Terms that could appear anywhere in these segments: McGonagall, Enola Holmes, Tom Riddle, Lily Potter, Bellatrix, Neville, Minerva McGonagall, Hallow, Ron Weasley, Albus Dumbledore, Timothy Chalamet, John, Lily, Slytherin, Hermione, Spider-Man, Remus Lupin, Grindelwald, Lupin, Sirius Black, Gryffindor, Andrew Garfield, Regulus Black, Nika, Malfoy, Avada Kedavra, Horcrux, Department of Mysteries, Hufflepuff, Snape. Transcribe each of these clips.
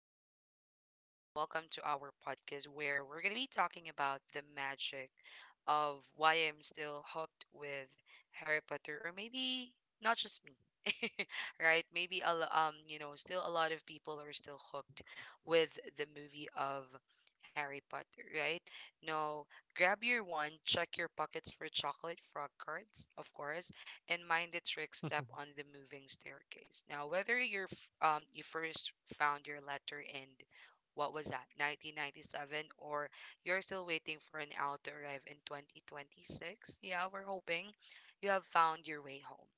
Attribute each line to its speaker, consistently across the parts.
Speaker 1: me again, Trish, and welcome to our podcast where we're going to be talking about the magic of why I'm still hooked with Harry Potter, or maybe not just me, right? Maybe a lo- you know, still a lot of people are still hooked with the movie of Harry Potter, right? No, grab your wand, check your pockets for chocolate frog cards, of course, and mind the trick step on the moving staircase. Now, whether you first found your letter in what was that, 1997, or you're still waiting for an owl to arrive in 2026, yeah, we're hoping you have found your way home.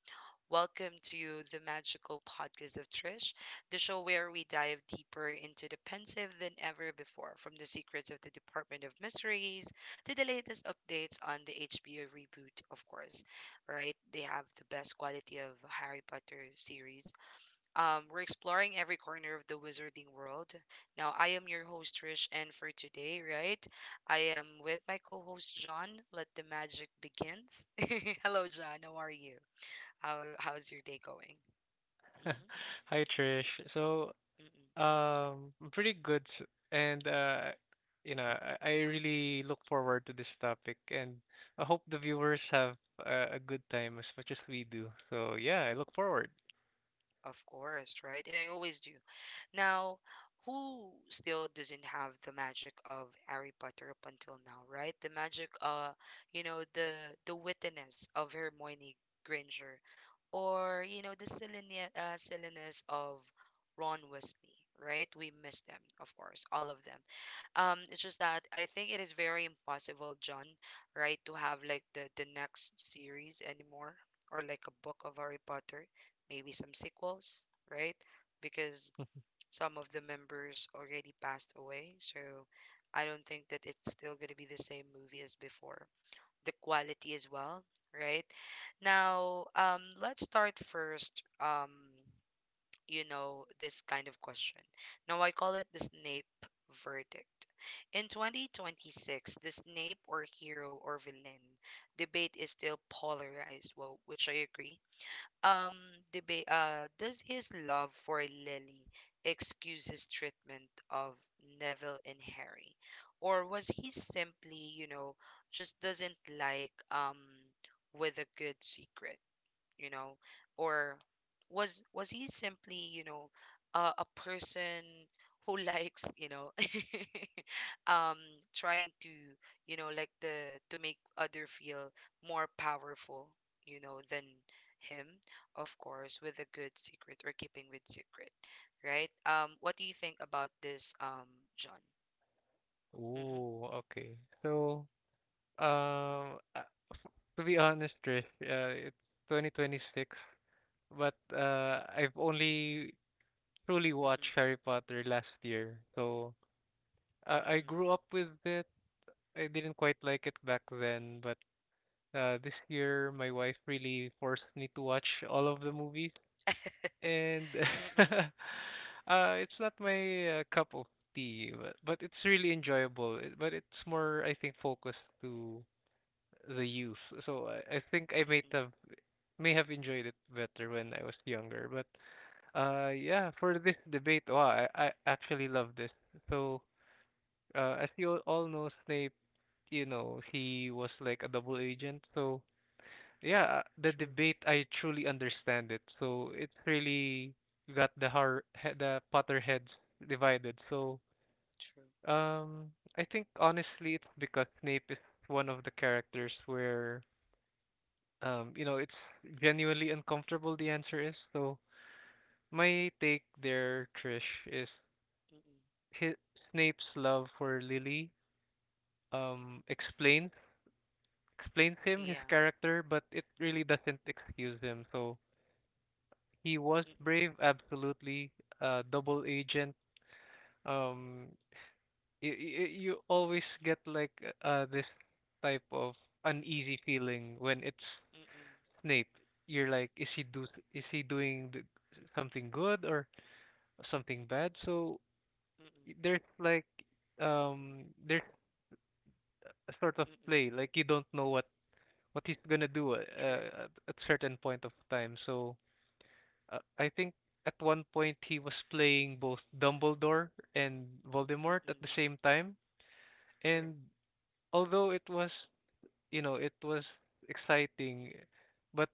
Speaker 1: Welcome to the magical podcast of Trish, the show where we dive deeper into the pensive than ever before, from the secrets of the Department of Mysteries to the latest updates on the HBO reboot, of course. Right? They have the best quality of Harry Potter series. We're exploring every corner of the wizarding world. Now, I am your host, Trish, and for today, right, I am with my co host, John. Let the magic begins. Hello, John. How are you? How's your day going? Mm-hmm.
Speaker 2: Hi Trish. So,
Speaker 1: Mm-hmm.
Speaker 2: I'm pretty good, and I really look forward to this topic, and I hope the viewers have a good time as much as we do. So, yeah, I look forward.
Speaker 1: Of course, right? And I always do. Now, who still doesn't have the magic of Harry Potter up until now, right? The magic, the wittiness of Hermione Granger, or the silliness, silliness of Ron Weasley, right? We miss them, of course, all of them. It's just that I think it is very impossible, John, right, to have like the next series anymore, or like a book of Harry Potter, maybe some sequels, right? Because some of the members already passed away. So I don't think that it's still going to be the same movie as before. The quality as well, right? Now, let's start first, this kind of question. Now, I call it the Snape verdict. In 2026, the Snape or hero or villain debate is still polarized, well, which I agree um, debate. Does his love for Lily excuse his treatment of Neville and Harry, or was he simply, just doesn't like with a good secret, you know, or was he simply, a person who likes, um trying to, the to make other feel more powerful, than him, of course, with a good secret or keeping with secret, right. What do you think about this, John? Mm-hmm.
Speaker 2: Ooh, okay. So, um, uh, to be honest, Trish, it's 2026, but I've only truly
Speaker 1: Mm-mm.
Speaker 2: watched Harry Potter last year. So, I
Speaker 1: Mm-mm.
Speaker 2: grew up with it. I didn't quite like it back then, but this year my wife really forced me to watch all of the movies, and
Speaker 1: Mm-mm.
Speaker 2: uh, it's not my cup of tea, but it's really enjoyable. But it's more, I think, focused to the youth. So I think I may
Speaker 1: Mm-mm.
Speaker 2: have may have enjoyed it better when I was younger. But yeah, for this debate, wow, I actually love this. So as you all know, Snape. He was like a double
Speaker 1: Mm-mm.
Speaker 2: agent. So, yeah, the
Speaker 1: True.
Speaker 2: debate, I truly understand it. So, it really got the the Potterheads divided. So,
Speaker 1: True.
Speaker 2: I think honestly, it's because Snape is one of the characters where, it's genuinely uncomfortable, the answer is. So, my take there, Trish, is
Speaker 1: Mm-mm.
Speaker 2: his, Snape's love for Lily um explains explains him, his
Speaker 1: Yeah.
Speaker 2: character, but it really doesn't excuse him. So he was
Speaker 1: Mm-mm.
Speaker 2: brave, absolutely. Double agent. Um, you always get like this type of uneasy feeling when it's
Speaker 1: Mm-mm.
Speaker 2: Snape. You're like, is he doing something good or something bad? So
Speaker 1: Mm-mm.
Speaker 2: there's like there's a sort of play
Speaker 1: Mm-mm.
Speaker 2: like you don't know what he's gonna do
Speaker 1: True.
Speaker 2: at certain point of time. So I think at one point he was playing both Dumbledore and Voldemort at the
Speaker 1: Mm-mm.
Speaker 2: same time.
Speaker 1: True.
Speaker 2: And although it was, you know, it was exciting, but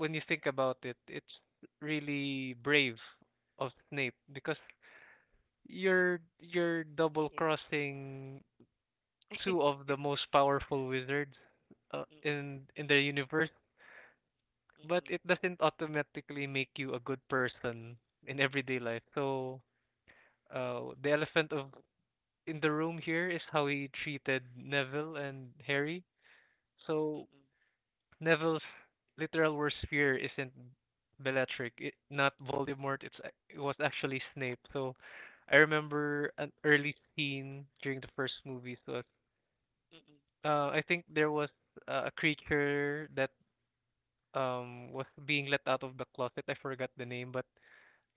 Speaker 2: when you think about it, it's really brave of Snape because you're
Speaker 1: He
Speaker 2: double
Speaker 1: is.
Speaker 2: crossing two of the most powerful wizards
Speaker 1: Mm-mm.
Speaker 2: in the universe, but
Speaker 1: Mm-mm.
Speaker 2: it doesn't automatically make you a good person in everyday life. So the elephant of in the room here is how he treated Neville and Harry. So
Speaker 1: Mm-mm.
Speaker 2: Neville's literal worst fear isn't Bellatrix, not Voldemort. It was actually Snape. So I remember an early
Speaker 1: Mm-mm.
Speaker 2: scene during the first movie. So
Speaker 1: Mm-mm.
Speaker 2: I think there was a creature that was being let out of the closet. I forgot the name, but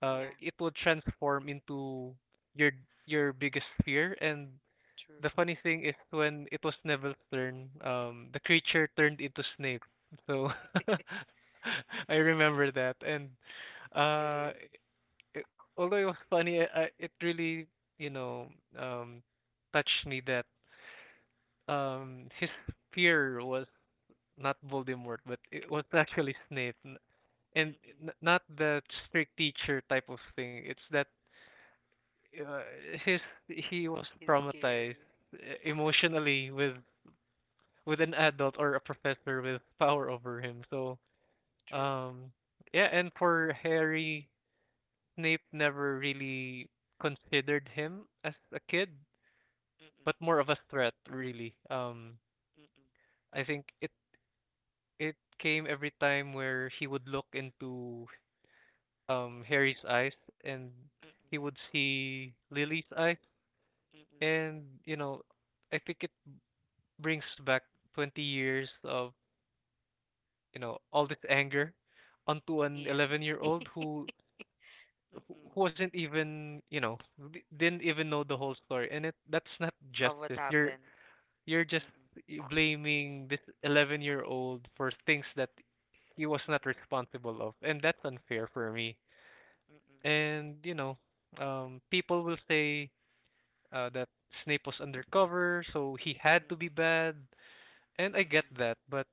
Speaker 1: Yeah.
Speaker 2: it would transform into your your biggest fear, and
Speaker 1: True.
Speaker 2: the funny thing is when it was Neville's turn, the creature turned into Snape. So I remember that, and
Speaker 1: It
Speaker 2: uh,
Speaker 1: is.
Speaker 2: although it was funny, it really you know um touched me that his
Speaker 1: Mm-mm,
Speaker 2: fear was not Voldemort, but it was actually Snape. And
Speaker 1: mm-mm,
Speaker 2: not the strict teacher type of thing. It's that uh, his he was
Speaker 1: he's
Speaker 2: traumatized
Speaker 1: scary.
Speaker 2: uh, emotionally with an
Speaker 1: Mm-mm,
Speaker 2: adult or a professor with power over him. So,
Speaker 1: true,
Speaker 2: um, yeah, and for Harry, Snape never really considered him as a kid,
Speaker 1: mm-mm,
Speaker 2: but more of a threat, really.
Speaker 1: mm-mm,
Speaker 2: I think it came every time where he would look into Harry's eyes and he
Speaker 1: mm-mm,
Speaker 2: would see Lily's eyes,
Speaker 1: mm-mm,
Speaker 2: and you know, I think it brings back 20 years of, you know, all this anger onto an
Speaker 1: yeah,
Speaker 2: 11-year-old
Speaker 1: mm-mm,
Speaker 2: who wasn't even, you know, didn't even know the whole story, and it that's not
Speaker 1: of what
Speaker 2: justice. You're
Speaker 1: happened.
Speaker 2: just
Speaker 1: Mm-mm,
Speaker 2: blaming this 11-year-old for things that he was not
Speaker 1: mm-mm,
Speaker 2: responsible of, and that's unfair for me.
Speaker 1: mm-mm,
Speaker 2: And you know people will say that Snape was undercover so he had to be
Speaker 1: mm-mm,
Speaker 2: bad, and I get
Speaker 1: mm-mm,
Speaker 2: that, but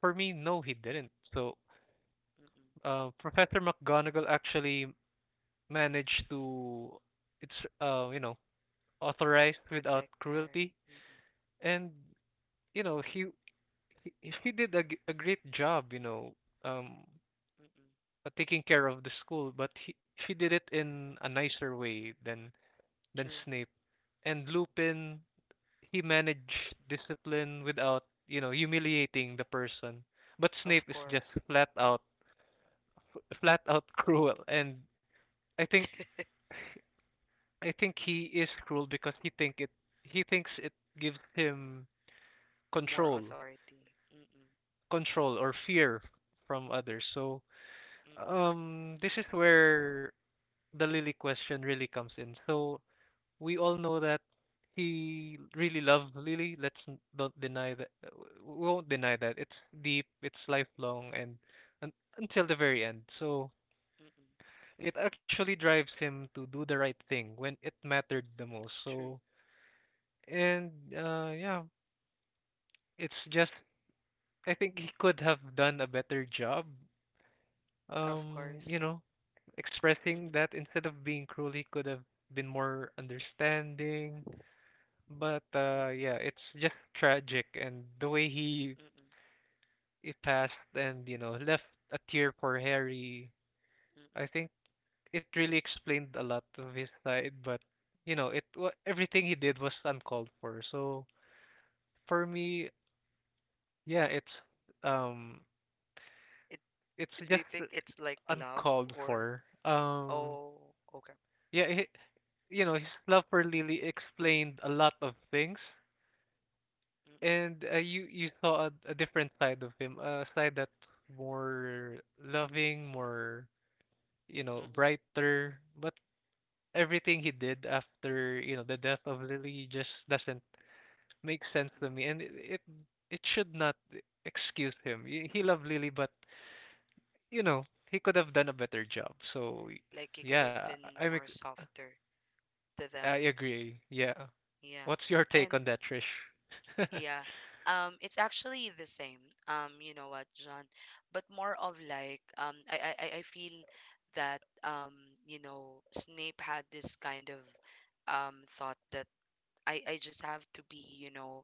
Speaker 2: for me, no, he didn't. So
Speaker 1: mm-mm,
Speaker 2: Professor McGonagall actually managed to it's you know, authorized without
Speaker 1: protect
Speaker 2: cruelty,
Speaker 1: Harry. Mm-mm,
Speaker 2: and you know he, he did a great job, you know, um
Speaker 1: mm-mm,
Speaker 2: taking care of the school, but he did it in a nicer way than
Speaker 1: true.
Speaker 2: Snape and Lupin. He managed discipline without, you know, humiliating the person, but Snape
Speaker 1: Of
Speaker 2: is just
Speaker 1: course.
Speaker 2: flat out flat out cruel, and I think I think he is cruel because he thinks it gives him
Speaker 1: More
Speaker 2: control,
Speaker 1: authority. Mm-mm,
Speaker 2: control or fear from others. So,
Speaker 1: mm-mm,
Speaker 2: this is where the Lily question really comes in. So we all know that he really loved Lily. Don't deny that. We won't deny that. It's deep. It's lifelong, and until the very end. So
Speaker 1: mm-mm.
Speaker 2: it actually drives him to do the right thing when it mattered the most.
Speaker 1: True.
Speaker 2: So and yeah, it's just I think he could have done a better job.
Speaker 1: Of
Speaker 2: You
Speaker 1: course.
Speaker 2: know, expressing
Speaker 1: Mm-mm,
Speaker 2: that instead of being cruel, he could have been more understanding. But
Speaker 1: mm-mm,
Speaker 2: yeah, it's just tragic, and the way he
Speaker 1: mm-mm,
Speaker 2: it passed and you know left a tear for Harry.
Speaker 1: mm-mm,
Speaker 2: I think it really explained a lot of his side, but you know
Speaker 1: mm-mm,
Speaker 2: everything he did was uncalled for. So for me, yeah, um
Speaker 1: it,
Speaker 2: it's
Speaker 1: do you
Speaker 2: just
Speaker 1: think it's like love
Speaker 2: uncalled
Speaker 1: or
Speaker 2: for.
Speaker 1: oh, okay.
Speaker 2: Yeah, you know, his love for Lily explained a lot of things,
Speaker 1: mm-mm,
Speaker 2: and you saw a different side of him, a side that's more loving, more, you know,
Speaker 1: Mm-mm,
Speaker 2: brighter. But everything he did after, you know, the death of Lily just doesn't make sense to
Speaker 1: mm-mm.
Speaker 2: me, and it should not excuse him. He loved Lily, but you know he could have done a better job. So
Speaker 1: Like you could have
Speaker 2: yeah,
Speaker 1: been
Speaker 2: I'm
Speaker 1: more softer to
Speaker 2: I
Speaker 1: them.
Speaker 2: agree. Yeah.
Speaker 1: Yeah.
Speaker 2: What's your take
Speaker 1: And
Speaker 2: on that, Trish?
Speaker 1: yeah. It's actually the same. You know what, John? But more of like, I feel that Snape had this kind of thought that I just have to be,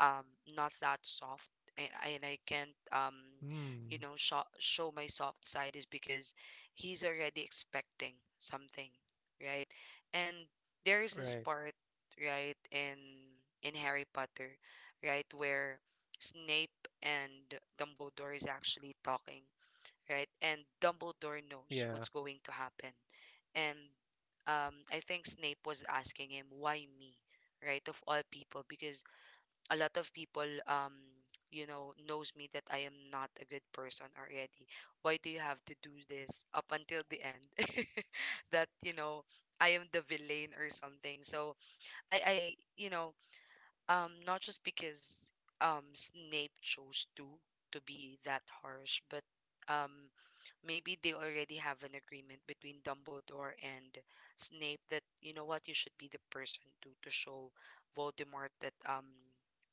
Speaker 1: um, not that soft, and I can't,
Speaker 2: Hmm.
Speaker 1: show my soft side, is because he's already expecting something, right? And there is this
Speaker 2: Right.
Speaker 1: part, right, in Harry Potter, right, where Snape and Dumbledore is actually talking, right? And Dumbledore knows what's
Speaker 2: Yeah.
Speaker 1: going to happen. And I think Snape was asking him, why me? Right? Of all people, because a lot of people, knows me that I am not a good person already. Why do you have to do this up until the end? that, I am the villain or something. So I, I, you know, not just because Snape chose to be that harsh, but um maybe they already have an agreement between Dumbledore and Snape, that you know what, you should be the person to show Voldemort that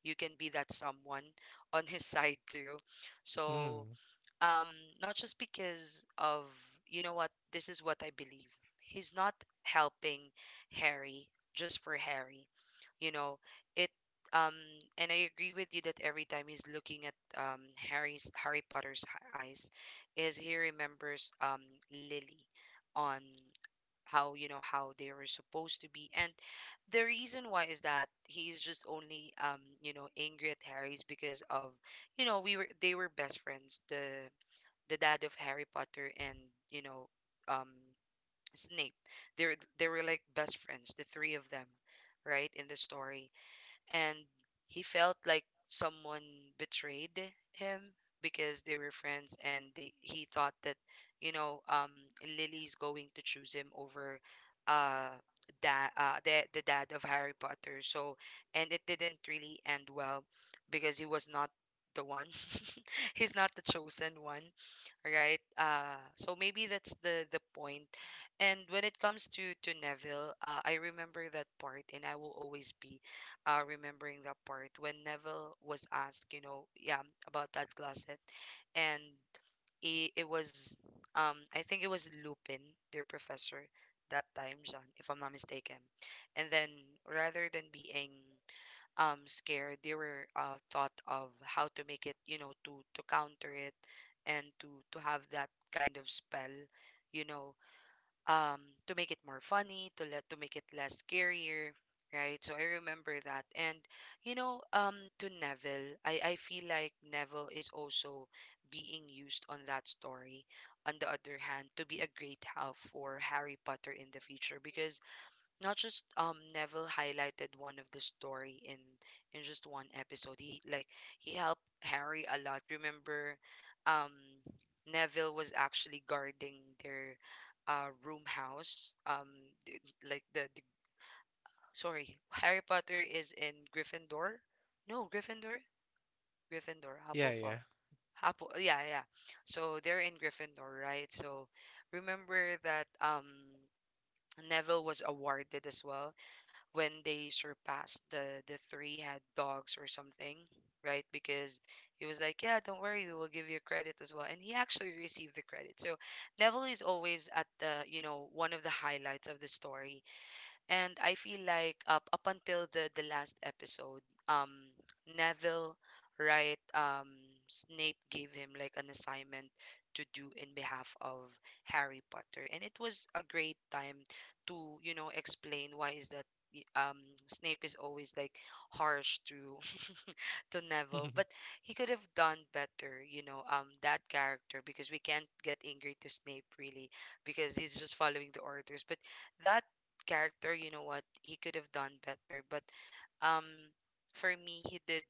Speaker 1: you can be that someone on his side too. So
Speaker 2: Hmm.
Speaker 1: um not just because of, you know what, this is what I believe, he's not helping Harry just for Harry, you know it um and I agree with you that every time he's looking at Harry Potter's eyes, is he remembers Lily, on how, you know, how they were supposed to be. And the reason why is that he's just only, angry at Harry's, because of, you know we were they were best friends, the dad of Harry Potter and, you know um Snape. They were like best friends, the three of them, right, in the story. And he felt like someone betrayed him because they were friends and they he thought that, you know, um Lily's going to choose him over uh da the dad of Harry Potter. So, and it didn't really end well because he was not the one. He's not the chosen one, right? So maybe that's the point. And when it comes to Neville, I remember that part, and I will always be remembering that part when Neville was asked, you know, yeah, about that closet, and it was, I think it was Lupin, their professor that time, John, if I'm not mistaken. And then rather than being scared, they were thought of how to make it, you know, to counter it, and to have that kind of spell, you know um to make it more funny, to let to make it less scarier, right? So I remember that. And, to Neville, I feel like Neville is also being used on that story, on the other hand, to be a great help for Harry Potter in the future, because not just Neville highlighted one of the story in just one episode. He, like, he helped Harry a lot. Remember, um Neville was actually guarding their room house. Th- like the sorry, Harry Potter is in Gryffindor? No, Gryffindor? Gryffindor,
Speaker 2: Yeah,
Speaker 1: Hufflepuff.
Speaker 2: yeah.
Speaker 1: Apple, yeah, yeah. So they're in Gryffindor, right? So remember that Neville was awarded as well when they surpassed the three head dogs or something, right? Because he was like, "Yeah, don't worry, we will give you credit as well," and he actually received the credit. So Neville is always at the, you know, one of the highlights of the story. And I feel like up until the last episode, um, Neville, right, Snape gave him like an assignment to do in behalf of Harry Potter, and it was a great time to, you know, explain why is that y- um Snape is always like harsh to Neville, but he could have done better, you know, that character, because we can't get angry to Snape, really, because he's just following the orders. But that character, you know what, he could have done better. But um, for me, he did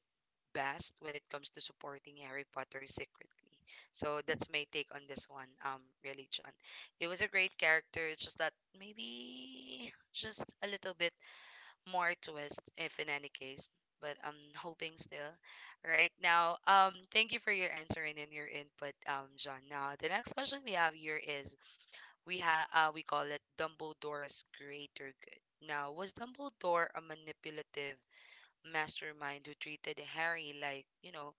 Speaker 1: best when it comes to supporting Harry Potter secretly. So that's my take on this one, really, John. It was a great character. It's just that maybe just a little bit more twist, if in any case, but I'm hoping still. Right now, thank you for your answering and your input, John. Now, the next question we have here is, we have, we call it Dumbledore's greater good. Now, was Dumbledore a manipulative mastermind who treated Harry like,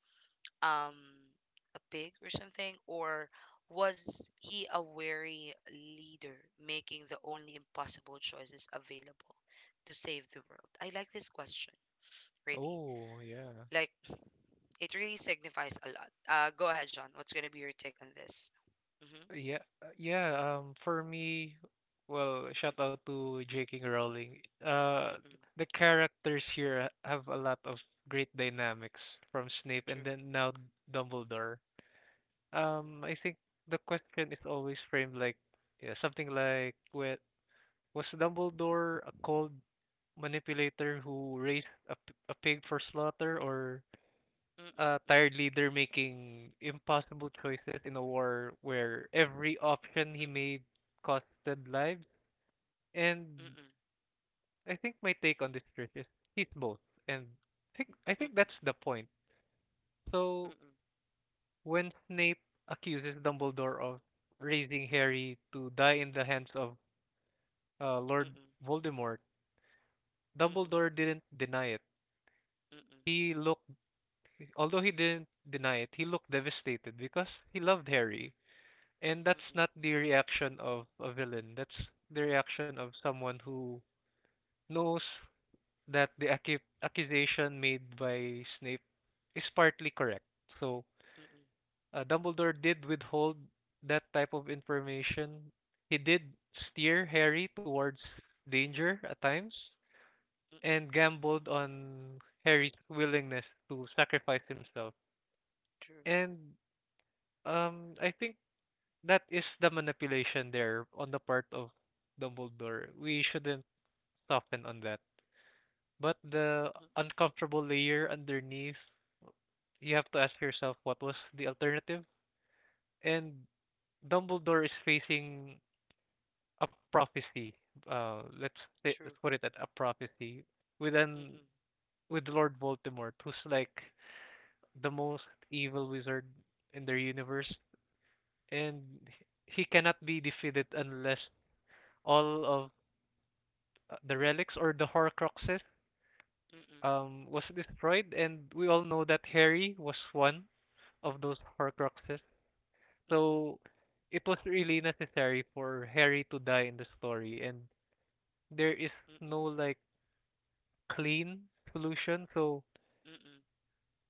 Speaker 1: um a pig or something, or was he a wary leader making the only impossible choices available to save the world? I like this question, really.
Speaker 2: Oh, yeah.
Speaker 1: Like, it really signifies a lot. Go ahead, John. What's going to be your take on this? Mhm.
Speaker 2: Yeah. For me, well, shout
Speaker 1: Mm-mm,
Speaker 2: out to J.K. Rowling. Uh,
Speaker 1: mm-mm,
Speaker 2: the characters here have a lot of great dynamics from Snape and
Speaker 1: true,
Speaker 2: then now Dumbledore.
Speaker 1: mm-mm,
Speaker 2: I think the question is always framed like yeah, something like, Was Dumbledore a cold manipulator who raised a pig for slaughter, or
Speaker 1: mm-mm,
Speaker 2: a tired
Speaker 1: mm-mm,
Speaker 2: leader making impossible choices in a war where every option he
Speaker 1: mm-mm,
Speaker 2: made costed lives. And
Speaker 1: mm-mm,
Speaker 2: I think my take on this Trish is he's both. And I think
Speaker 1: mm-mm,
Speaker 2: that's the point.
Speaker 1: mm-mm,
Speaker 2: So
Speaker 1: mm-mm,
Speaker 2: when Snape accuses Dumbledore of raising Harry to die in the hands of Lord
Speaker 1: mm-mm,
Speaker 2: Voldemort, Dumbledore didn't deny it.
Speaker 1: mm-mm,
Speaker 2: He looked Although he didn't deny it, he looked devastated because he loved Harry. And that's
Speaker 1: mm-mm,
Speaker 2: not the reaction of a villain. That's the reaction of someone who knows that the accusation made by Snape is partly correct. So
Speaker 1: mm-mm,
Speaker 2: Dumbledore did withhold that type of information. He did steer Harry towards danger at times
Speaker 1: mm-mm,
Speaker 2: and gambled on Harry's willingness to sacrifice himself.
Speaker 1: true,
Speaker 2: And I think that is the manipulation there on the part of Dumbledore. We shouldn't soften on that. But the
Speaker 1: mm-mm,
Speaker 2: uncomfortable layer underneath, you have to ask yourself what was the alternative? And Dumbledore is facing a prophecy. Let's say, let's
Speaker 1: true.
Speaker 2: put it at a prophecy with an
Speaker 1: Mm-mm,
Speaker 2: with Lord Voldemort, who's like the most evil wizard in their universe, and he cannot be defeated unless all of the relics or the Horcruxes
Speaker 1: mm-mm,
Speaker 2: was destroyed, and we all know that Harry was one of those Horcruxes.
Speaker 1: mm-mm,
Speaker 2: So it was really necessary for Harry to die in the story, and there is no
Speaker 1: mm-mm,
Speaker 2: like clean solution. So
Speaker 1: mm-mm,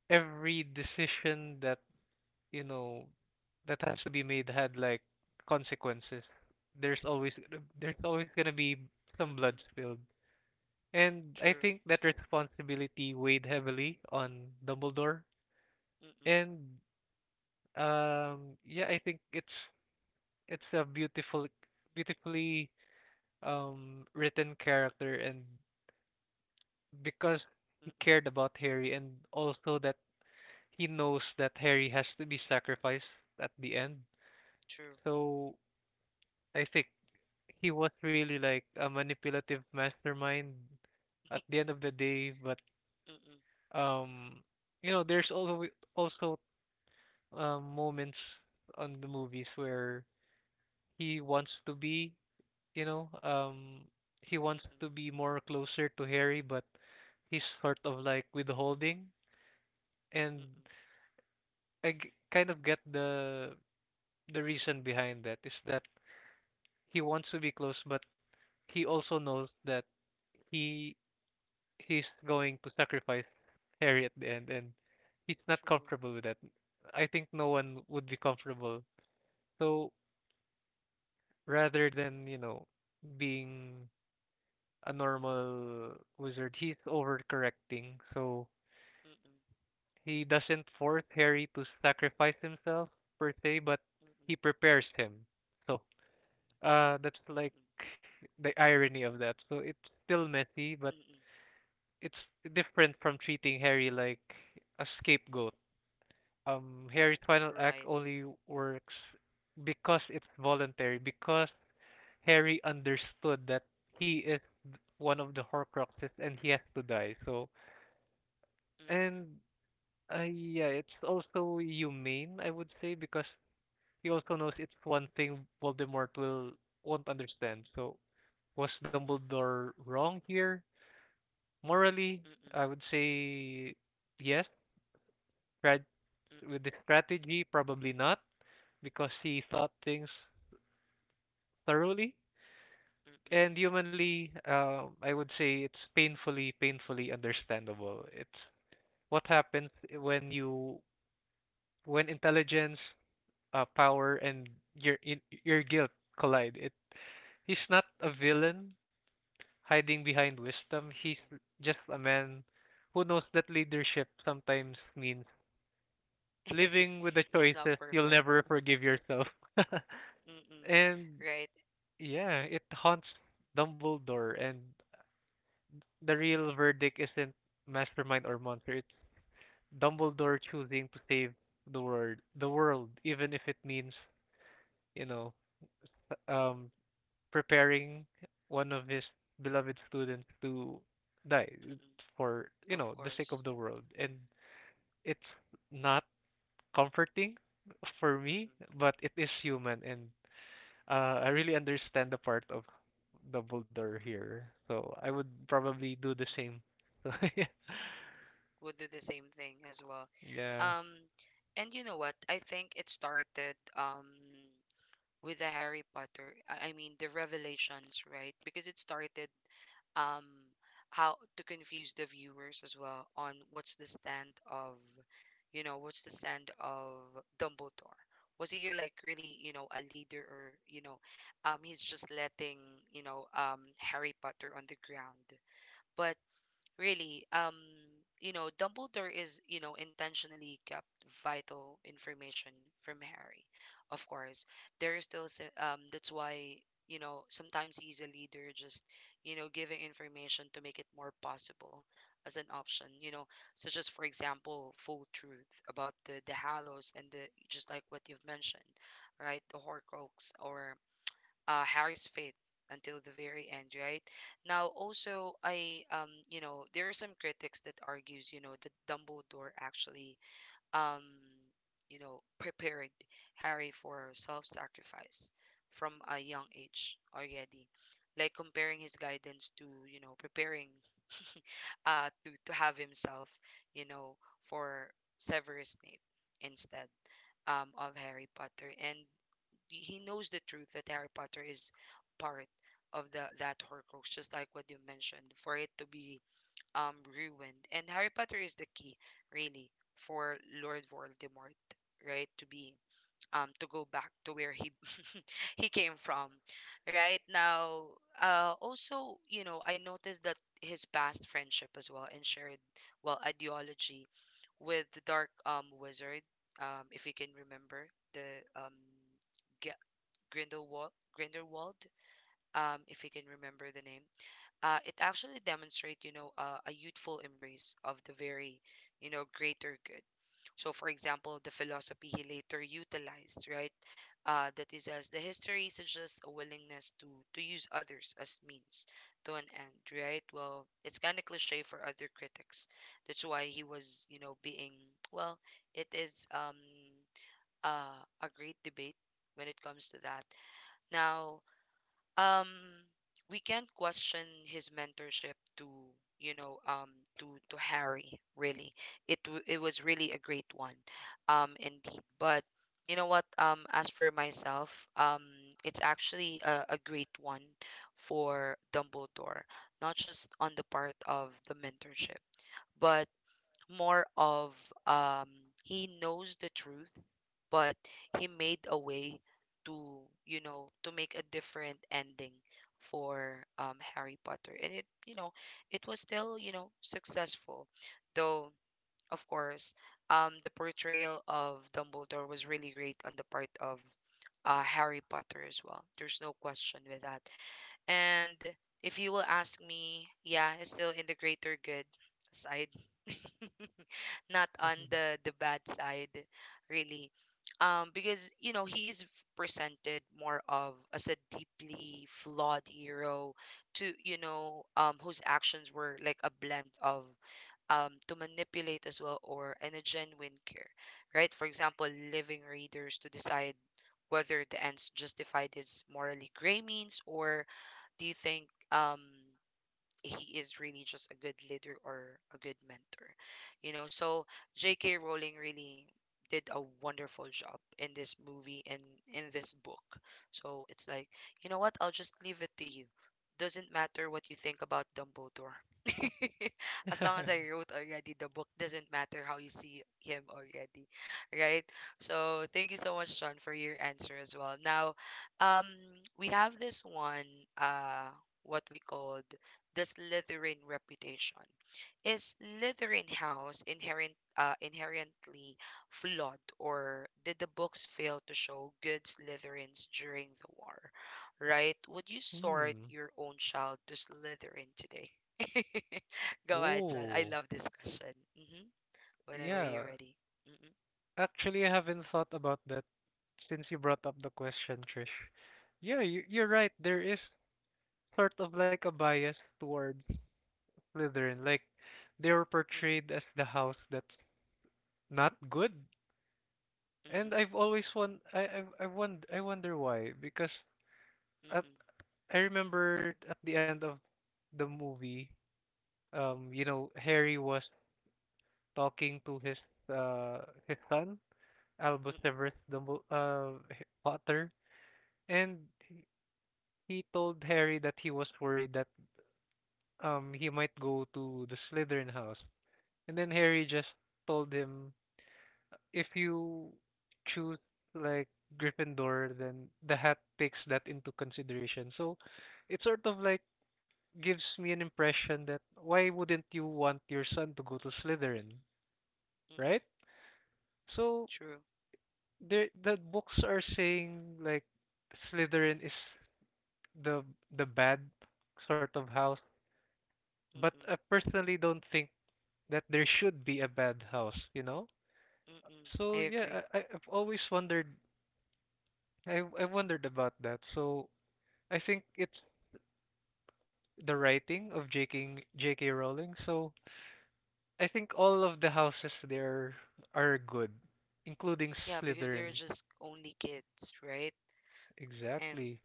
Speaker 2: every decision that you know that has to be made had like consequences. There's always there's always gonna be some blood
Speaker 1: mm-mm,
Speaker 2: spilled. And I
Speaker 1: true.
Speaker 2: think that responsibility weighed heavily on Dumbledore.
Speaker 1: Mm-mm,
Speaker 2: And yeah, I think it's a beautifully written character, and because he
Speaker 1: mm-mm,
Speaker 2: cared about Harry and also that he knows that Harry has to be sacrificed at the end.
Speaker 1: true.
Speaker 2: So I think he was really like a manipulative mastermind at the end of the day, but
Speaker 1: Mm-mm,
Speaker 2: um you know, there's also moments on the movies where he wants to be, you know, um, he
Speaker 1: mm-mm,
Speaker 2: wants to be more closer to Harry, but he's sort of like withholding. And
Speaker 1: mm-mm,
Speaker 2: I kind of get the reason behind that is that he wants to be close, but he also knows that he he's going to sacrifice Harry at the end, and he's not
Speaker 1: true.
Speaker 2: comfortable with that. I think no one would be comfortable. So rather than, you know, being a normal wizard, he's overcorrecting. So
Speaker 1: Mm-mm,
Speaker 2: he doesn't force Harry to sacrifice himself per se, but
Speaker 1: mm-mm,
Speaker 2: he prepares him. So that's
Speaker 1: mm-mm,
Speaker 2: like the irony of that. So it's still messy, but
Speaker 1: mm-mm,
Speaker 2: it's different from treating Harry like a scapegoat. Harry's final
Speaker 1: right.
Speaker 2: act only works because it's voluntary, because Harry understood that he is one of the Horcruxes and he has to die. So,
Speaker 1: Mm-mm,
Speaker 2: and yeah, it's also humane, I would say, because he also knows it's one thing Voldemort will won't understand. So, was
Speaker 1: mm-mm,
Speaker 2: Dumbledore wrong here?
Speaker 1: mm-mm,
Speaker 2: Morally,
Speaker 1: mm-mm,
Speaker 2: I would say yes. Tried
Speaker 1: mm-mm,
Speaker 2: with the strategy, probably not, because he thought things thoroughly. And humanly, I would say it's painfully, painfully understandable. It's what happens when intelligence, power, and your guilt collide. It He's not a villain hiding behind wisdom.
Speaker 1: mm-mm.
Speaker 2: He's just a man who knows that leadership sometimes means living with the
Speaker 1: It's not
Speaker 2: choices you'll
Speaker 1: perfect.
Speaker 2: never forgive yourself.
Speaker 1: Mm-mm,
Speaker 2: And
Speaker 1: right.
Speaker 2: yeah, it haunts Dumbledore, and the real verdict isn't mastermind or monster. It's Dumbledore choosing to save the world, even if it means you know, um, preparing one of his beloved students to die
Speaker 1: Mm-mm,
Speaker 2: for
Speaker 1: of
Speaker 2: the sake of
Speaker 1: course.
Speaker 2: the world. And it's not comforting for me,
Speaker 1: Mm-mm,
Speaker 2: but it is human, and I really understand the part of Dumbledore here. So I would
Speaker 1: mm-mm.
Speaker 2: probably do the same. So yeah.
Speaker 1: Would do the same thing as well.
Speaker 2: Yeah.
Speaker 1: Um, and you know what? I think it started. With the Harry Potter. I mean the revelations, right? Because it started um how to confuse the viewers as well on what's the stand of, you know, what's the stand of Dumbledore? Was he like really, you know, a leader, or, you know, he's just letting, you know, Harry Potter on the ground. Really, Dumbledore intentionally kept vital information from Harry. Of course, there is still, that's why, sometimes he's a leader, just, giving information to make it more possible as an option, such as, for example, full truth about the Hallows and the, just like what you've mentioned, right? The Horcrux or Harry's fate until the very end, right? Now, also, there are some critics that argues, that Dumbledore actually um, prepared Harry for self-sacrifice from a young age already, like comparing his guidance to, preparing to have himself, you know, for Severus Snape instead of Harry Potter, and he knows the truth that Harry Potter is part of the that Horcrux, just like what you mentioned, for it to be ruined. And Harry Potter is the key, really, for Lord Voldemort, right, to be to go back to where he he came from, right now. Also, you know, I noticed that his past friendship as well and shared well ideology with the dark wizard, if you can remember the um Grindelwald, Grindelwald, if you can remember the name. It actually demonstrates, a youthful embrace of the very, greater good. So, for example, the philosophy he later utilized, right? That is, as the history suggests, a willingness to use others as means to an end, right? Well, it's kind of cliche for other critics. That's why he was, being well. It is a great debate when it comes to that. Now, um we can't question his mentorship to you know um to Harry. Really, it was really a great one indeed, but you know what as for myself, it's actually a great one for Dumbledore, not just on the part of the mentorship, but more of, um he knows the truth, but he made a way to, to make a different ending for Harry Potter, and it was still, successful. Though of course, the portrayal of Dumbledore was really great on the part of Harry Potter as well. There's no question with that. And if you will ask me, yeah, it's still in the greater good side, not on the bad side, really. Because, you know, he is presented more of as a deeply flawed hero, to you know whose actions were like a blend of, to manipulate as well, or and a genuine care, right? For example, living readers to decide whether the ends justified his morally gray means, or do you think um he is really just a good leader or a good mentor. You know, so J.K. Rowling really did a wonderful job in this movie and in this book. So it's like, you know what? I'll just leave it to you. Doesn't matter what you think about Dumbledore. As long as I wrote already the book, doesn't matter how you see him already, right? So thank you so much, Sean, for your answer as well. Now, um, we have this one, uh, what we called the Slytherin reputation. Is Slytherin House inherent, inherently flawed, or did the books fail to show good Slytherins during the war? Right? Would you sort
Speaker 2: Hmm.
Speaker 1: your own child to Slytherin today? Go ahead, John. I
Speaker 2: Oh,
Speaker 1: love this question. Hmm. Whenever
Speaker 2: yeah.
Speaker 1: you're ready. Mm-mm,
Speaker 2: Actually, I haven't thought about that since you brought up the question, Trish. Yeah, you're right. There is sort of like a bias towards Slytherin. Like, they were
Speaker 1: mm-mm,
Speaker 2: portrayed as the house that's not good. And
Speaker 1: mm-mm,
Speaker 2: I've always won. I won. I wonder why. Because at
Speaker 1: mm-mm,
Speaker 2: I remember at the end of the movie, you know, Harry was talking to his son Albus
Speaker 1: mm-mm,
Speaker 2: Severus Potter, and he he told Harry
Speaker 1: mm-mm,
Speaker 2: that he was worried that he might go to the Slytherin house, and then
Speaker 1: mm-mm,
Speaker 2: Harry just told him if you choose like Gryffindor, then the hat takes that into consideration. So it sort of like gives me an impression that why wouldn't you want your son to go to Slytherin, right?
Speaker 1: mm-mm.
Speaker 2: So
Speaker 1: True.
Speaker 2: there, the books are saying like Slytherin is the the bad sort of house, but I
Speaker 1: Mm-mm,
Speaker 2: personally don't think that there should be a bad house, you know?
Speaker 1: mm-mm.
Speaker 2: So
Speaker 1: I
Speaker 2: yeah,
Speaker 1: agree.
Speaker 2: I've always wondered I wondered about that. So I think it's the writing of J.K. Rowling. So I think all of the houses there are good, including
Speaker 1: Yeah, because they're
Speaker 2: Slytherin.
Speaker 1: just only kids, right? And
Speaker 2: Exactly.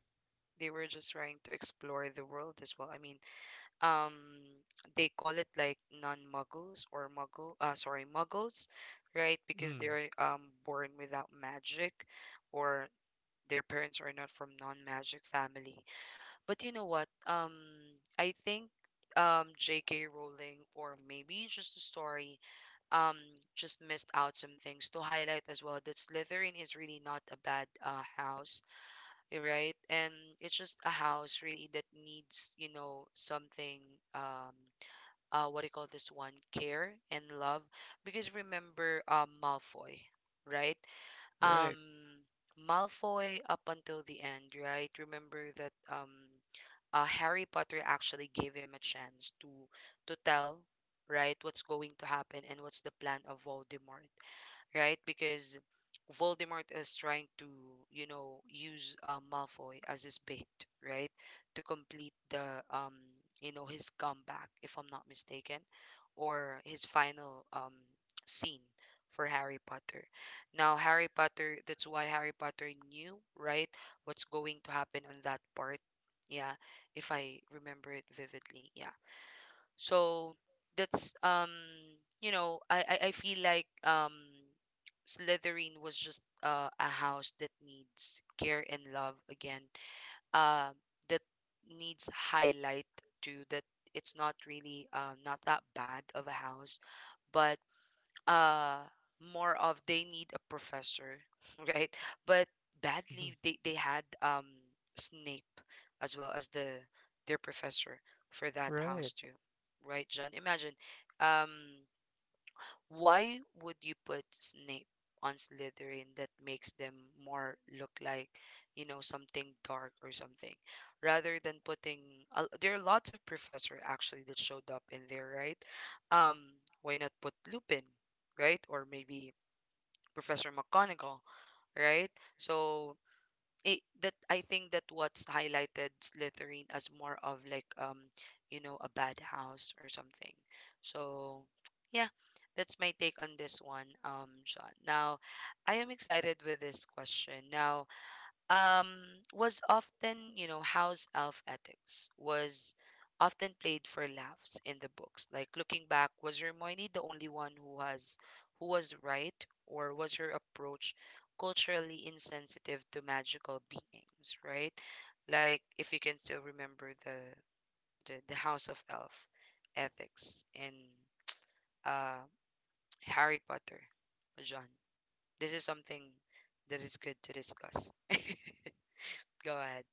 Speaker 1: they were just trying to explore the world as well. I mean, um, they call it like non-muggles or muggle, sorry, muggles, right? Because
Speaker 2: Hmm.
Speaker 1: they're born without magic, or their parents are not from non-magic family. But you know what? I think J.K. Rowling, or maybe just the story, um just missed out some things to highlight as well, that Slytherin is really not a bad house, eh, right? And it's just a house really that needs, you know, something, um what do you call this one? Care and love. Because remember Malfoy, right?
Speaker 2: Right.
Speaker 1: Um Malfoy up until the end, right? Remember that Harry Potter actually gave him a chance to tell, right, what's going to happen and what's the plan of Voldemort, right? Because Voldemort is trying to, you know, use, Malfoy as his bait, right? To complete the, you know, his comeback, if I'm not mistaken, or his final, scene for Harry Potter. Now, Harry Potter, that's why Harry Potter knew, right, what's going to happen on that part. Yeah, if I remember it vividly. Yeah, so that's you know, I feel like Slytherin was just, a house that needs care and love again, uh, that needs highlight too, that it's not really, not that bad of a house, but uh more of, they need a professor. Right? But badly they had, Snape, as well as the their professor for that
Speaker 2: Right.
Speaker 1: house too, right, John? Imagine, um why would you put Snape on Slytherin? That makes them more look like, you know, something dark or something, rather than putting? There are lots of professor actually that showed up in there, right? Um, why not put Lupin, right? Or maybe Professor McGonagall, right? So it that, I think that, what's highlighted Slytherin as more of like, you know, a bad house or something. So yeah, that's my take on this one, Sean. Now, I am excited with this question. Now, um, was often, you know, house elf ethics was often played for laughs in the books. Like looking back, was Hermione the only one who was right, or was her approach culturally insensitive to magical beings? Right, like if you can still remember the House of Elf ethics in, uh, Harry Potter, John. This is something that is good to discuss. Go ahead.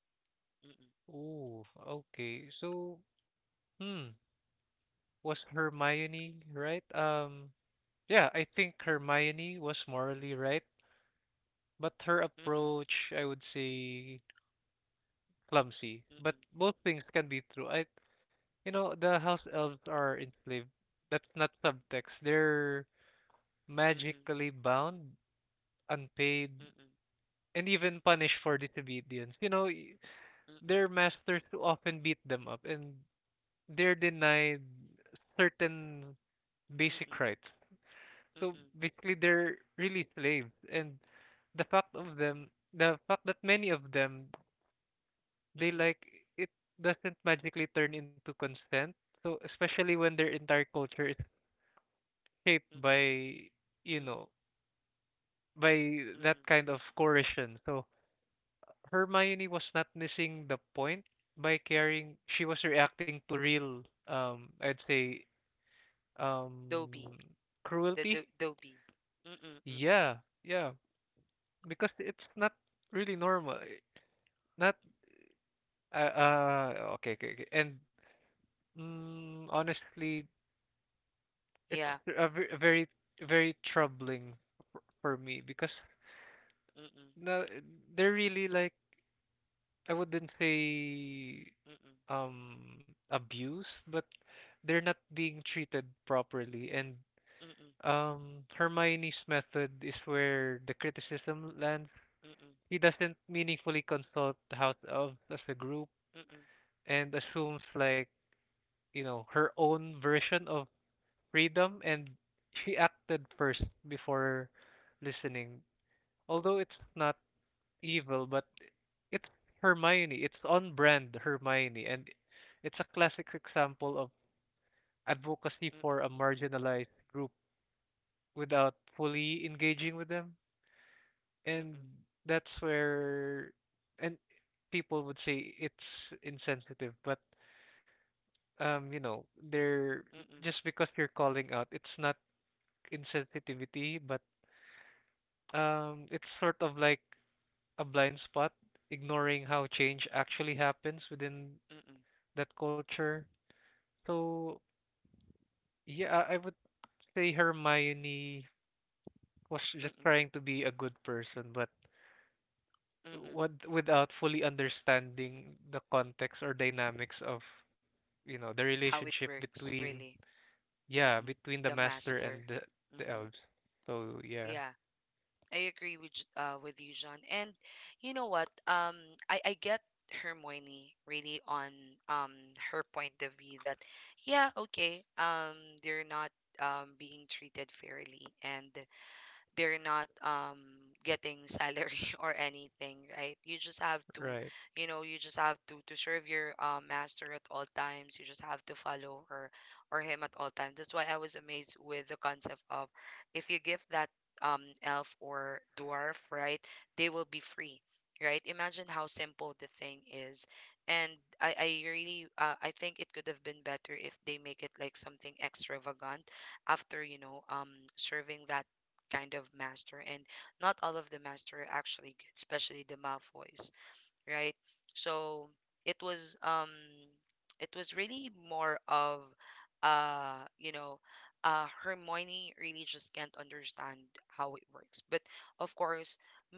Speaker 2: Oh, okay. So, hmm, was Hermione right? Yeah, I think Hermione was morally right, but her
Speaker 1: Mm-mm,
Speaker 2: approach, I would say, clumsy. But
Speaker 1: mm-mm,
Speaker 2: both things can be true. I, you know, the house elves are enslaved. That's not subtext. They're
Speaker 1: mm-mm,
Speaker 2: magically bound, unpaid,
Speaker 1: mm-mm,
Speaker 2: and even punished for disobedience. You know, their
Speaker 1: mm-mm,
Speaker 2: masters often beat them up, and they're denied certain
Speaker 1: mm-mm,
Speaker 2: basic
Speaker 1: mm-mm,
Speaker 2: rights. So basically, they're really slaves, and the fact that many of them, they
Speaker 1: mm-mm,
Speaker 2: like it doesn't magically turn into consent. So especially when their entire culture is shaped
Speaker 1: mm-mm,
Speaker 2: by, you know,
Speaker 1: mm-mm,
Speaker 2: by that
Speaker 1: mm-mm.
Speaker 2: kind of coercion. So Hermione was not missing the point by caring. She was reacting to real, I'd say,
Speaker 1: Dobie,
Speaker 2: um,
Speaker 1: the
Speaker 2: cruelty.
Speaker 1: do Dobie. Mm-mm, mm-mm,
Speaker 2: Yeah, yeah, because it's not really normal. Not uh, uh okay, okay, okay. And mm, honestly, it's
Speaker 1: yeah.
Speaker 2: a very very troubling for me because
Speaker 1: Mm-mm,
Speaker 2: no, they're really like I wouldn't say
Speaker 1: mm-mm,
Speaker 2: abused, but they're not being treated properly. And
Speaker 1: mm-mm, mm-mm,
Speaker 2: Hermione's method is where the criticism lands.
Speaker 1: mm-mm, mm-mm, mm-mm,
Speaker 2: He doesn't meaningfully consult the House of as a group and assumes like you know her own version of freedom and she acted first before listening. Although it's not evil, but it's Hermione. It's on brand Hermione and it's a classic example of advocacy for
Speaker 1: mm-mm,
Speaker 2: a marginalized group without fully engaging with them. And that's where and people would say it's insensitive, but you know, they're just because you're calling out, it's not insensitivity, but um, it's sort of like a blind spot, ignoring how change actually happens within
Speaker 1: mm-mm,
Speaker 2: that culture. So, yeah, I would say Hermione was just
Speaker 1: mm-mm,
Speaker 2: trying to be a good person, but
Speaker 1: mm-mm.
Speaker 2: what without fully understanding the context or dynamics of, you know, the
Speaker 1: How it
Speaker 2: relationship
Speaker 1: works,
Speaker 2: between,
Speaker 1: really.
Speaker 2: yeah,
Speaker 1: Mm-mm.
Speaker 2: between the
Speaker 1: The
Speaker 2: master
Speaker 1: master.
Speaker 2: and the
Speaker 1: Mm-mm.
Speaker 2: elves. So, yeah,
Speaker 1: Yeah. I agree with with you, John. And you know what? I get Hermione really on um her point of view that, yeah, okay, they're not being treated fairly, and they're not getting salary. Or anything, right? You just have to,
Speaker 2: right.
Speaker 1: you just have to serve your, master at all times. You just have to follow her or him at all times. That's why I was amazed with the concept of, if you give that elf or dwarf, right, they will be free, right? Imagine how simple the thing is. And I really, I think it could have been better if they make it like something extravagant after, serving that kind of master, and not all of the master are actually good, especially the Malfoys, right? So it was, it was really more of, uh you know Hermione really just can't understand how it works. But of course,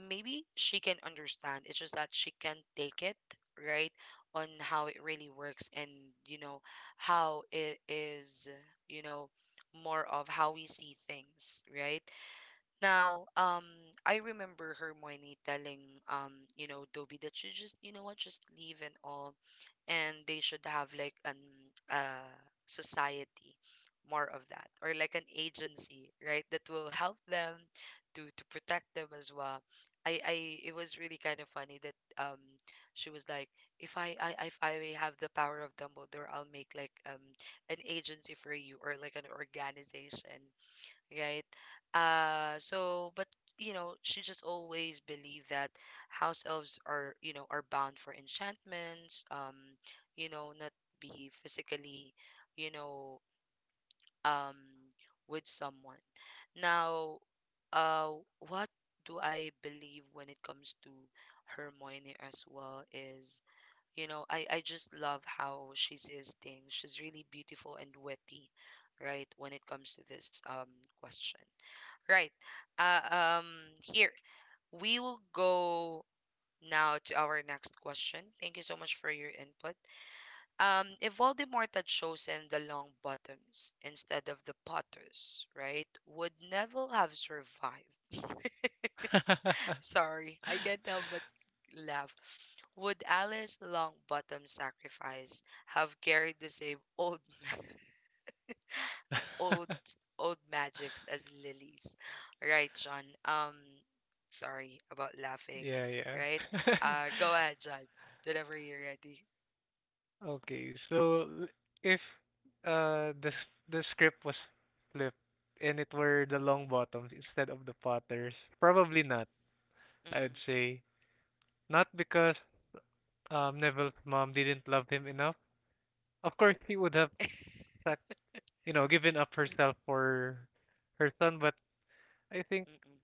Speaker 1: maybe she can understand. It's just that she can't take it, right? On how it really works, and you know how it is, you know, more of how we see things, right? Now, I remember her Hermione telling, you know, Dobby that she just, you know what, just leave and all, and they should have like an, uh society, more of that, or like an agency, right, that will help them to protect them as well. I it was really kind of funny that she was like, if I I if I have the power of Dumbledore, I'll make like an agency for you, or like an organization, right? So, but you know, she just always believed that house elves are, you know, are bound for enchantments, you know, not be physically, you know, um, with someone. Now, uh, what do I believe when it comes to Hermione as well is, you know, I just love how she says things. She's really beautiful and witty, right, when it comes to this question. Right. Uh, um, here, we will go now to our next question. Thank you so much for your input. If Voldemort had chosen the long bottoms instead of the potters, right, would Neville have survived? Sorry, I can't help but laugh. Would Alice Longbottom's sacrifice have carried the same old man? old Old magics as lilies. Right, John. Sorry about laughing,
Speaker 2: Yeah, yeah.
Speaker 1: right? Go ahead, John. Whenever you're ready.
Speaker 2: Okay, so if the the script was flipped and it were the long bottoms instead of the Potters, probably not. I
Speaker 1: Mm-mm.
Speaker 2: would say not because Neville's mom didn't love him enough. Of course, he would have sac- you know given up herself for her son, but I think
Speaker 1: Mm-mm.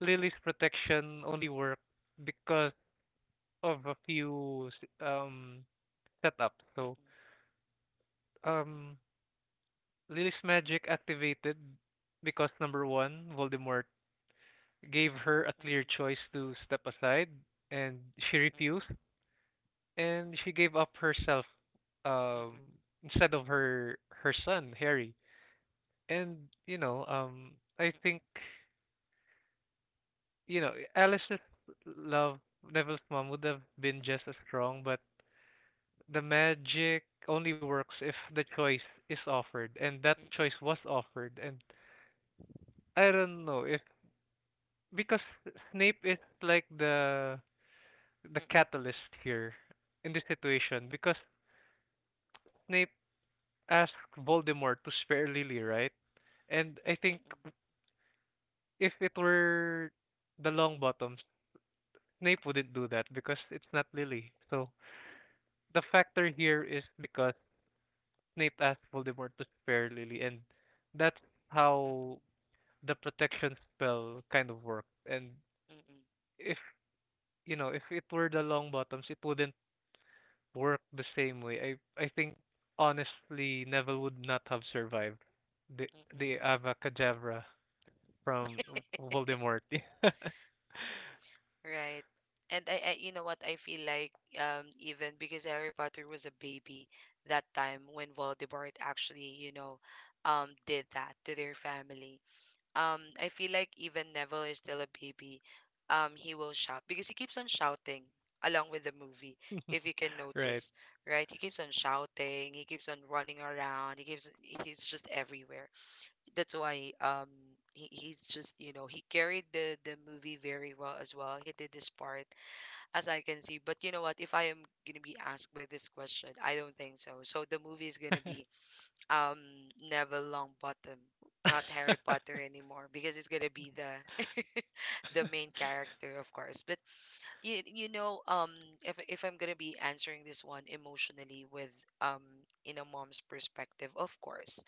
Speaker 2: Lily's protection only worked because of setups. So
Speaker 1: Mm-mm.
Speaker 2: um Lily's magic activated because number one, Voldemort gave her a clear choice to step aside, and she refused,
Speaker 1: Mm-mm.
Speaker 2: and she gave up herself um,
Speaker 1: Mm-mm.
Speaker 2: instead of her son Harry. And you know, I
Speaker 1: Mm-mm. Mm-mm.
Speaker 2: think you know Alice's love, Neville's mom would have been just as strong, but the magic only works if the choice is offered, and that
Speaker 1: Mm-mm.
Speaker 2: choice was offered. And I don't know if because Snape is like
Speaker 1: Mm-mm.
Speaker 2: the
Speaker 1: Mm-mm. Mm-mm.
Speaker 2: catalyst here in this situation because Snape asked Voldemort to spare Lily, right? And I think if it were the Longbottoms, Snape wouldn't do that because it's not Lily. So the factor here is because Snape asked Voldemort to spare Lily, and that's how
Speaker 1: Mm-mm.
Speaker 2: the protection spell kind of worked. And
Speaker 1: Mm-mm.
Speaker 2: if you know, if it were the Longbottoms, it wouldn't work the same way. I think honestly Neville would not have survived the the
Speaker 1: Mm-mm.
Speaker 2: Avacadabra from Voldemort.
Speaker 1: Right. And I, you know what, I feel like even because Harry Potter was a baby that time when Voldemort did that to their family. I feel like even Neville is still a baby. He will shout because he keeps on shouting along with the movie, if you can
Speaker 2: Right.
Speaker 1: notice, right? He keeps on shouting, he keeps on running around, he's just everywhere. That's why he's just he carried the movie very well as well. He did this part, as I can see. But you know what? If I am gonna be asked by this question, I don't think so. So the movie is gonna be um Neville Longbottom, not Harry Potter anymore, because it's gonna be the the main character, of course. But you, you know, um, if I'm gonna be answering this one emotionally with um in a mom's perspective, of course,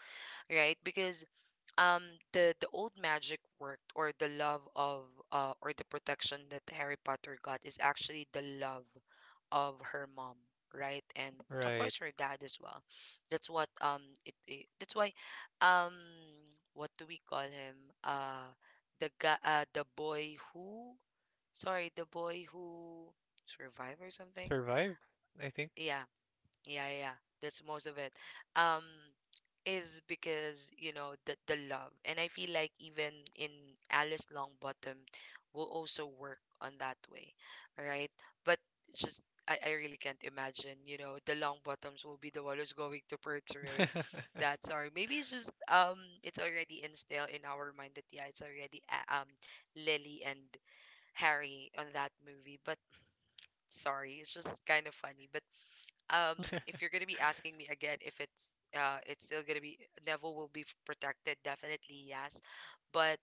Speaker 1: right? Because um the old magic worked, or the love of or the protection that Harry Potter got is actually the love of her mom, right? And of
Speaker 2: Right.
Speaker 1: course her dad as well. That's what it, it that's why um what do we call him? Uh the guy the boy who sorry, the boy who survived or something.
Speaker 2: Survive, I think.
Speaker 1: Yeah, yeah, yeah, yeah. That's most of it. Um is because you know the love, and I feel like even in Alice Longbottom will also work on that way, right? But just I, really can't imagine you know the Longbottoms will be the one who's going to portray that. Sorry, maybe it's just it's already instilled in our mind that yeah it's already Lily and Harry on that movie. But sorry, it's just kind of funny. But um, if you're gonna be asking me again if it's it's still gonna be Neville will be protected, definitely yes. But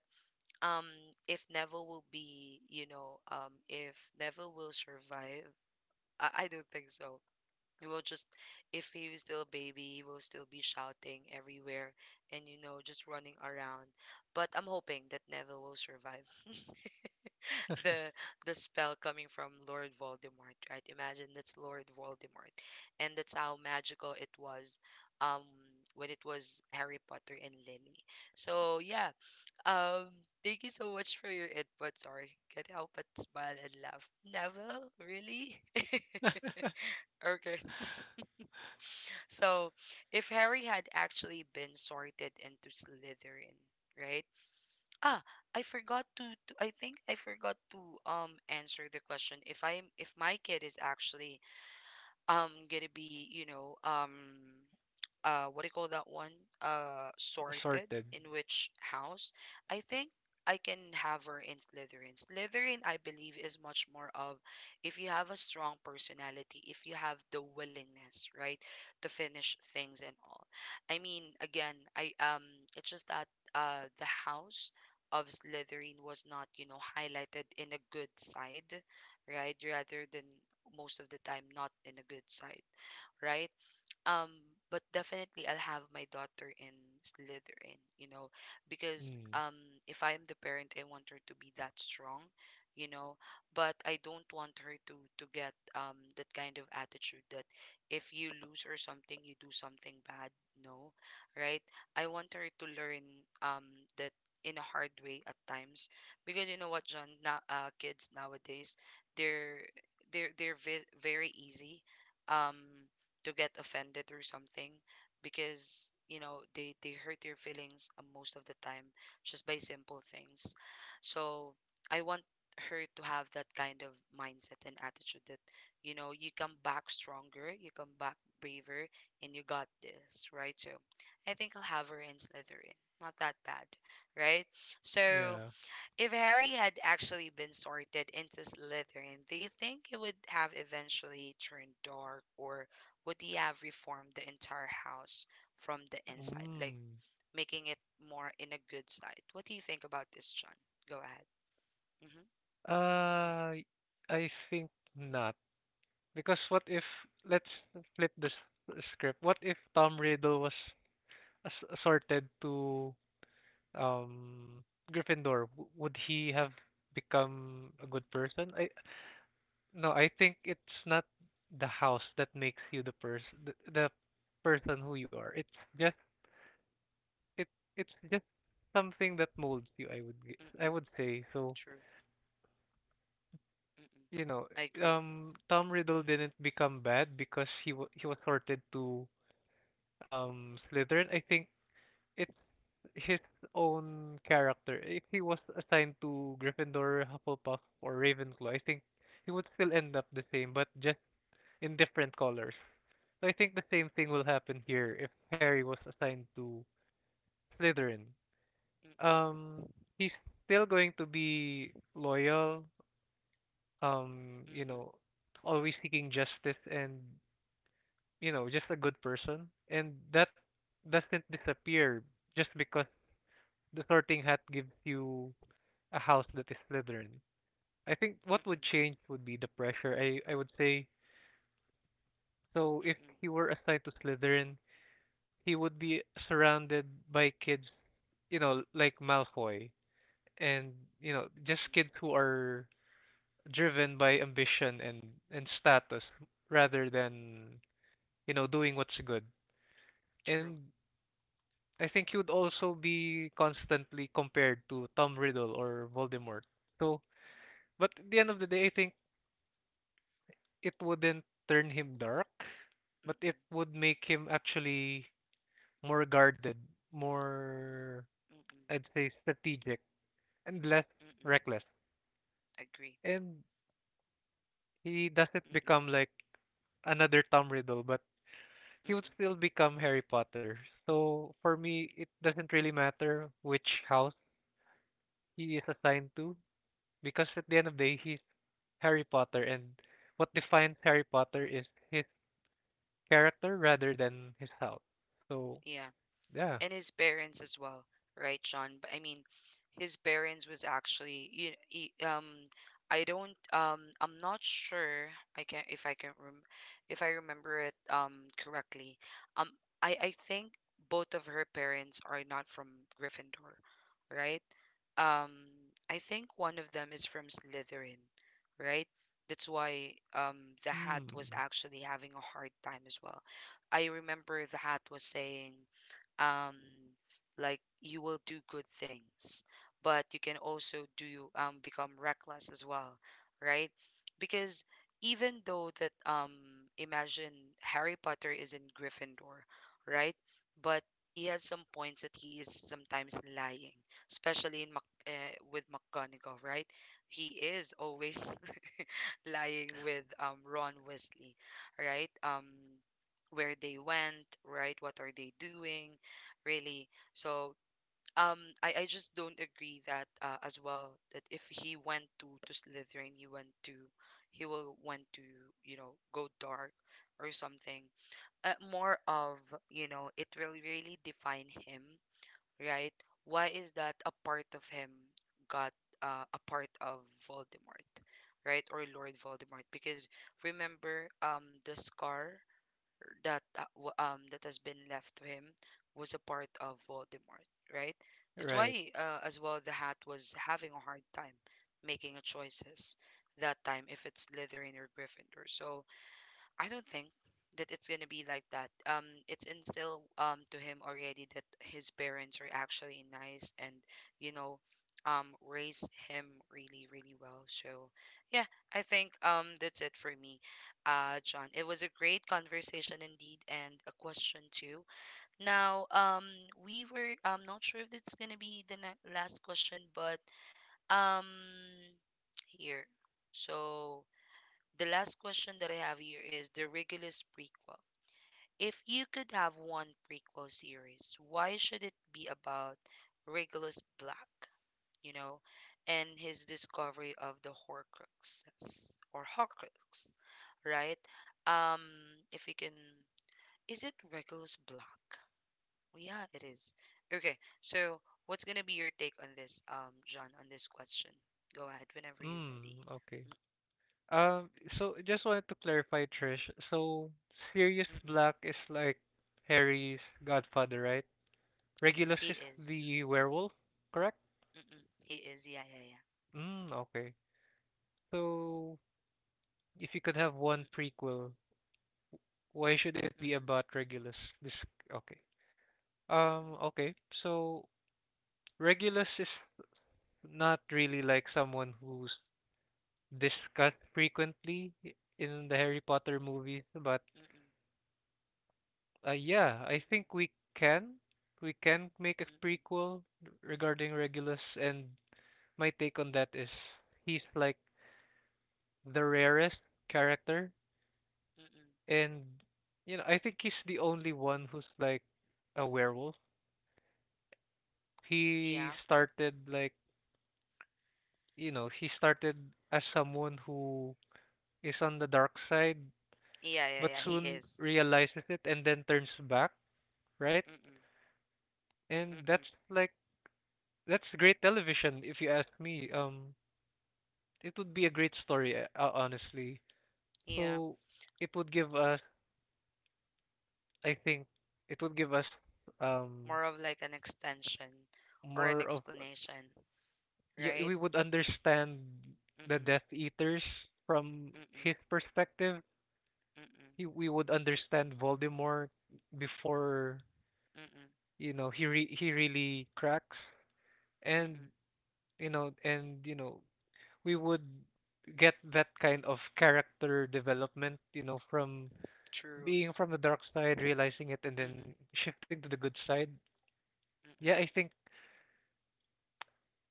Speaker 1: um, if Neville will be, if Neville will survive, I don't think so. He will just, if he was still a baby, he will still be shouting everywhere and you know just running around. But I'm hoping that Neville will survive. the the spell coming from Lord Voldemort, right? Imagine that's Lord Voldemort, and that's how magical it was, um, when it was Harry Potter and Lily. So yeah, um, thank you so much for your input. Sorry, can't help but smile and laugh. Neville, really? Okay. So, if Harry had actually been sorted into Slytherin, right? Ah, I forgot to, I think I forgot to answer the question if I'm if my kid is actually gonna be, what do you call that one, sorted
Speaker 2: Sorted.
Speaker 1: in which house. I think I can have her in Slytherin. Slytherin, I believe, is much more of if you have a strong personality, if you have the willingness, right, to finish things and all. I mean, again, I it's just that the house of Slytherin was not you know highlighted in a good side, right, rather than most of the time not in a good side, right? um, but definitely I'll have my daughter in Slytherin, you know, because
Speaker 2: Mm.
Speaker 1: if I am the parent, I want her to be that strong, you know, but I don't want her to get that kind of attitude that if you lose or something, you do something bad. No, right? I want her to learn um that in a hard way at times, because you know what, John, now kids nowadays, they're they're very easy. Um, to get offended or something because you know they hurt your feelings most of the time just by simple things. So I want her to have that kind of mindset and attitude that you know you come back stronger, you come back braver, and you got this, right? So I think I'll have her in Slytherin. Not that bad, right?
Speaker 2: Yeah.
Speaker 1: So if Harry had actually been sorted into Slytherin, do you think he would have eventually turned dark, or would he have reformed the entire house from the inside, like
Speaker 2: Mm.
Speaker 1: making it more in a good side? What do you think about this, John? Go ahead. Mm-hmm.
Speaker 2: Uh, I think not. Because what if let's flip this script. What if Tom Riddle was assorted to um Gryffindor, would he have become
Speaker 1: Mm,
Speaker 2: a
Speaker 1: mm-mm.
Speaker 2: good person? I no, I think it's not the house that makes you the person the person who you are. It's just it it's just something that molds you, I
Speaker 1: Mm-mm.
Speaker 2: would say. So,
Speaker 1: True. Mm-mm.
Speaker 2: you know,
Speaker 1: I agree.
Speaker 2: Tom Riddle
Speaker 1: Mm-mm.
Speaker 2: didn't become bad because he was sorted to Slytherin. I think it's his own character, if he was assigned to Gryffindor, Hufflepuff, or Ravenclaw, I think he would still end up the same, but just in different colors. So I think the same thing will happen here if Harry was assigned to Slytherin.
Speaker 1: Mm-mm.
Speaker 2: Um, he's still going to be loyal, you
Speaker 1: Mm-mm.
Speaker 2: know, always seeking justice and, you know, just a good person. And that doesn't disappear just because the sorting hat gives you a house that is Slytherin. I think what would
Speaker 1: Mm-mm.
Speaker 2: change would be the pressure. I would say so if
Speaker 1: Mm-mm.
Speaker 2: he were assigned to Slytherin, he would be surrounded by kids, you know, like Malfoy and you know, just
Speaker 1: Mm-mm.
Speaker 2: kids who are driven by ambition and status rather than, you know, doing what's good.
Speaker 1: True.
Speaker 2: And I think he would also be constantly compared to Tom Riddle or Voldemort. So, but at the end of the day, I think it wouldn't turn him dark. But it
Speaker 1: Mm-mm.
Speaker 2: would make him actually more guarded, more,
Speaker 1: Mm-mm.
Speaker 2: I'd say, strategic and less
Speaker 1: Mm-mm.
Speaker 2: reckless.
Speaker 1: Agree.
Speaker 2: And he doesn't
Speaker 1: Mm-mm.
Speaker 2: become like another Tom Riddle, but he would
Speaker 1: Mm-mm.
Speaker 2: still become Harry Potter. So for me, it doesn't really matter which house he is assigned to because at the end of the day, he's Harry Potter, and what defines Harry Potter is his character rather than his house. So
Speaker 1: Yeah,
Speaker 2: yeah,
Speaker 1: and his parents as well, right, John? But I mean, his parents was actually I don't I'm not sure I can if I remember it correctly. Um I think both of her parents are not from Gryffindor, right? Um I think one of them is from Slytherin, right? That's why the hat was
Speaker 2: hmm,
Speaker 1: actually having a hard time as well. I remember the hat was saying um like you will do good things but you can also do become reckless as well, right? Because even though that imagine Harry Potter is in Gryffindor, right, but he has some points that he is sometimes lying, especially in with McGonagall, right? He is always lying with Ron Weasley, right? Where they went, right? What are they doing, really? So I just don't agree that as well that if he went to Slytherin, he will went to you know go dark or something. More of you know it will really define him, right? Why is that a part of him got a part of Voldemort, right? Or Lord Voldemort? Because remember, the scar that that has been left to him was a part of Voldemort, right? That's
Speaker 2: right,
Speaker 1: why as well the Hat was having a hard time making a choices that time if it's Slytherin or Gryffindor. So I don't think that it's gonna be like that. It's instilled to him already that his parents are actually nice and you know, raise him really, really well. So yeah, I think that's it for me, John. It was a great conversation indeed, and a question too. Now, we were I'm not sure if it's gonna be the last question, but um, here, so. The last question that I have here is the Regulus prequel. If you could have one prequel series, why should it be about Regulus Black, you know, and his discovery of the Horcruxes or Horcrux, right? Um, if you can, is it Regulus Black? Yeah, it is. Okay, so what's gonna be your take on this, John, on this question? Go ahead whenever you're ready.
Speaker 2: hmm, okay.
Speaker 1: Mm,
Speaker 2: Um, so just wanted to clarify, Trish. So Sirius
Speaker 1: mm mm.
Speaker 2: Black is like Harry's godfather, right? Regulus
Speaker 1: He
Speaker 2: is
Speaker 1: is.
Speaker 2: the werewolf, correct?
Speaker 1: Mm-mm. It is. Yeah, yeah, yeah.
Speaker 2: Mm, okay. So if you could have one
Speaker 1: Mm-mm.
Speaker 2: prequel, why should it be
Speaker 1: Mm-mm.
Speaker 2: about Regulus? This okay.
Speaker 1: Mm-mm.
Speaker 2: Okay. So Regulus is not really like someone who's discussed frequently in the Harry Potter movies, but
Speaker 1: Mm-mm.
Speaker 2: uh, yeah, I
Speaker 1: Mm-mm.
Speaker 2: think we can. We can make a
Speaker 1: Mm-mm.
Speaker 2: prequel regarding Regulus, and my take on that is he's like the rarest character,
Speaker 1: Mm-mm.
Speaker 2: and you know, I think he's the only one who's like a werewolf.
Speaker 1: Yeah.
Speaker 2: He started like, you know, he started as someone who is on the dark side,
Speaker 1: Yeah, yeah,
Speaker 2: but
Speaker 1: yeah. He
Speaker 2: soon
Speaker 1: is.
Speaker 2: realizes it and then turns back, right?
Speaker 1: Mm-mm.
Speaker 2: And
Speaker 1: Mm-mm.
Speaker 2: that's like that's great television if you ask me. Um, it would be a great story, honestly.
Speaker 1: Yeah.
Speaker 2: So it would give us, I think, it would give us um
Speaker 1: More of like an extension or an
Speaker 2: more of
Speaker 1: explanation,
Speaker 2: yeah,
Speaker 1: right?
Speaker 2: we would understand the
Speaker 1: Mm-mm.
Speaker 2: Death Eaters from
Speaker 1: Mm-mm.
Speaker 2: his perspective.
Speaker 1: Mm-mm.
Speaker 2: We would understand Voldemort before
Speaker 1: Mm-mm.
Speaker 2: you know he really cracks, and
Speaker 1: Mm-mm.
Speaker 2: and you know we would get that kind of character development, you know, from
Speaker 1: True.
Speaker 2: being from the dark side, realizing it, and then
Speaker 1: Mm-mm.
Speaker 2: shifting to the good side. Yeah,
Speaker 1: Mm-mm.
Speaker 2: I think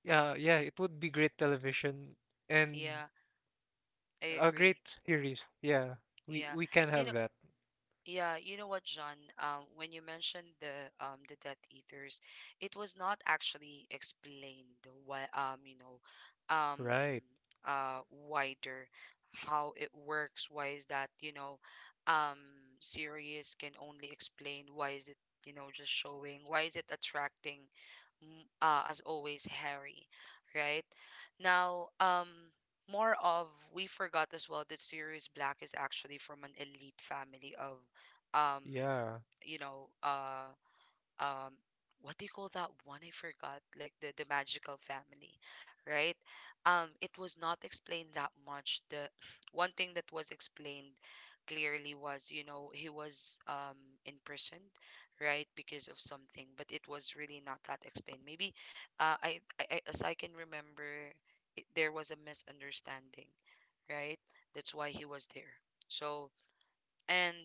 Speaker 2: yeah, yeah, it would be great television and
Speaker 1: Yeah, I
Speaker 2: a great
Speaker 1: agree.
Speaker 2: series. Yeah,
Speaker 1: Yeah.
Speaker 2: we can
Speaker 1: You
Speaker 2: have
Speaker 1: know,
Speaker 2: that.
Speaker 1: yeah, you know what, John? When you mentioned the Death Eaters, it was not actually explained why um
Speaker 2: Right.
Speaker 1: uh wider how it works. Why is that, you know, um Sirius can only explain why is it, you know, just showing, why is it attracting as always, Harry, right? Now, more of we forgot as well that Sirius Black is actually from an elite family of, um,
Speaker 2: Yeah.
Speaker 1: you know, um what do you call that one I forgot? Like the magical family, right? It was not explained that much. The one thing that was explained clearly was, you know, he was imprisoned, right, because of something, but it was really not that explained. Maybe, as I can remember, there was a misunderstanding, right? That's why he was there. So and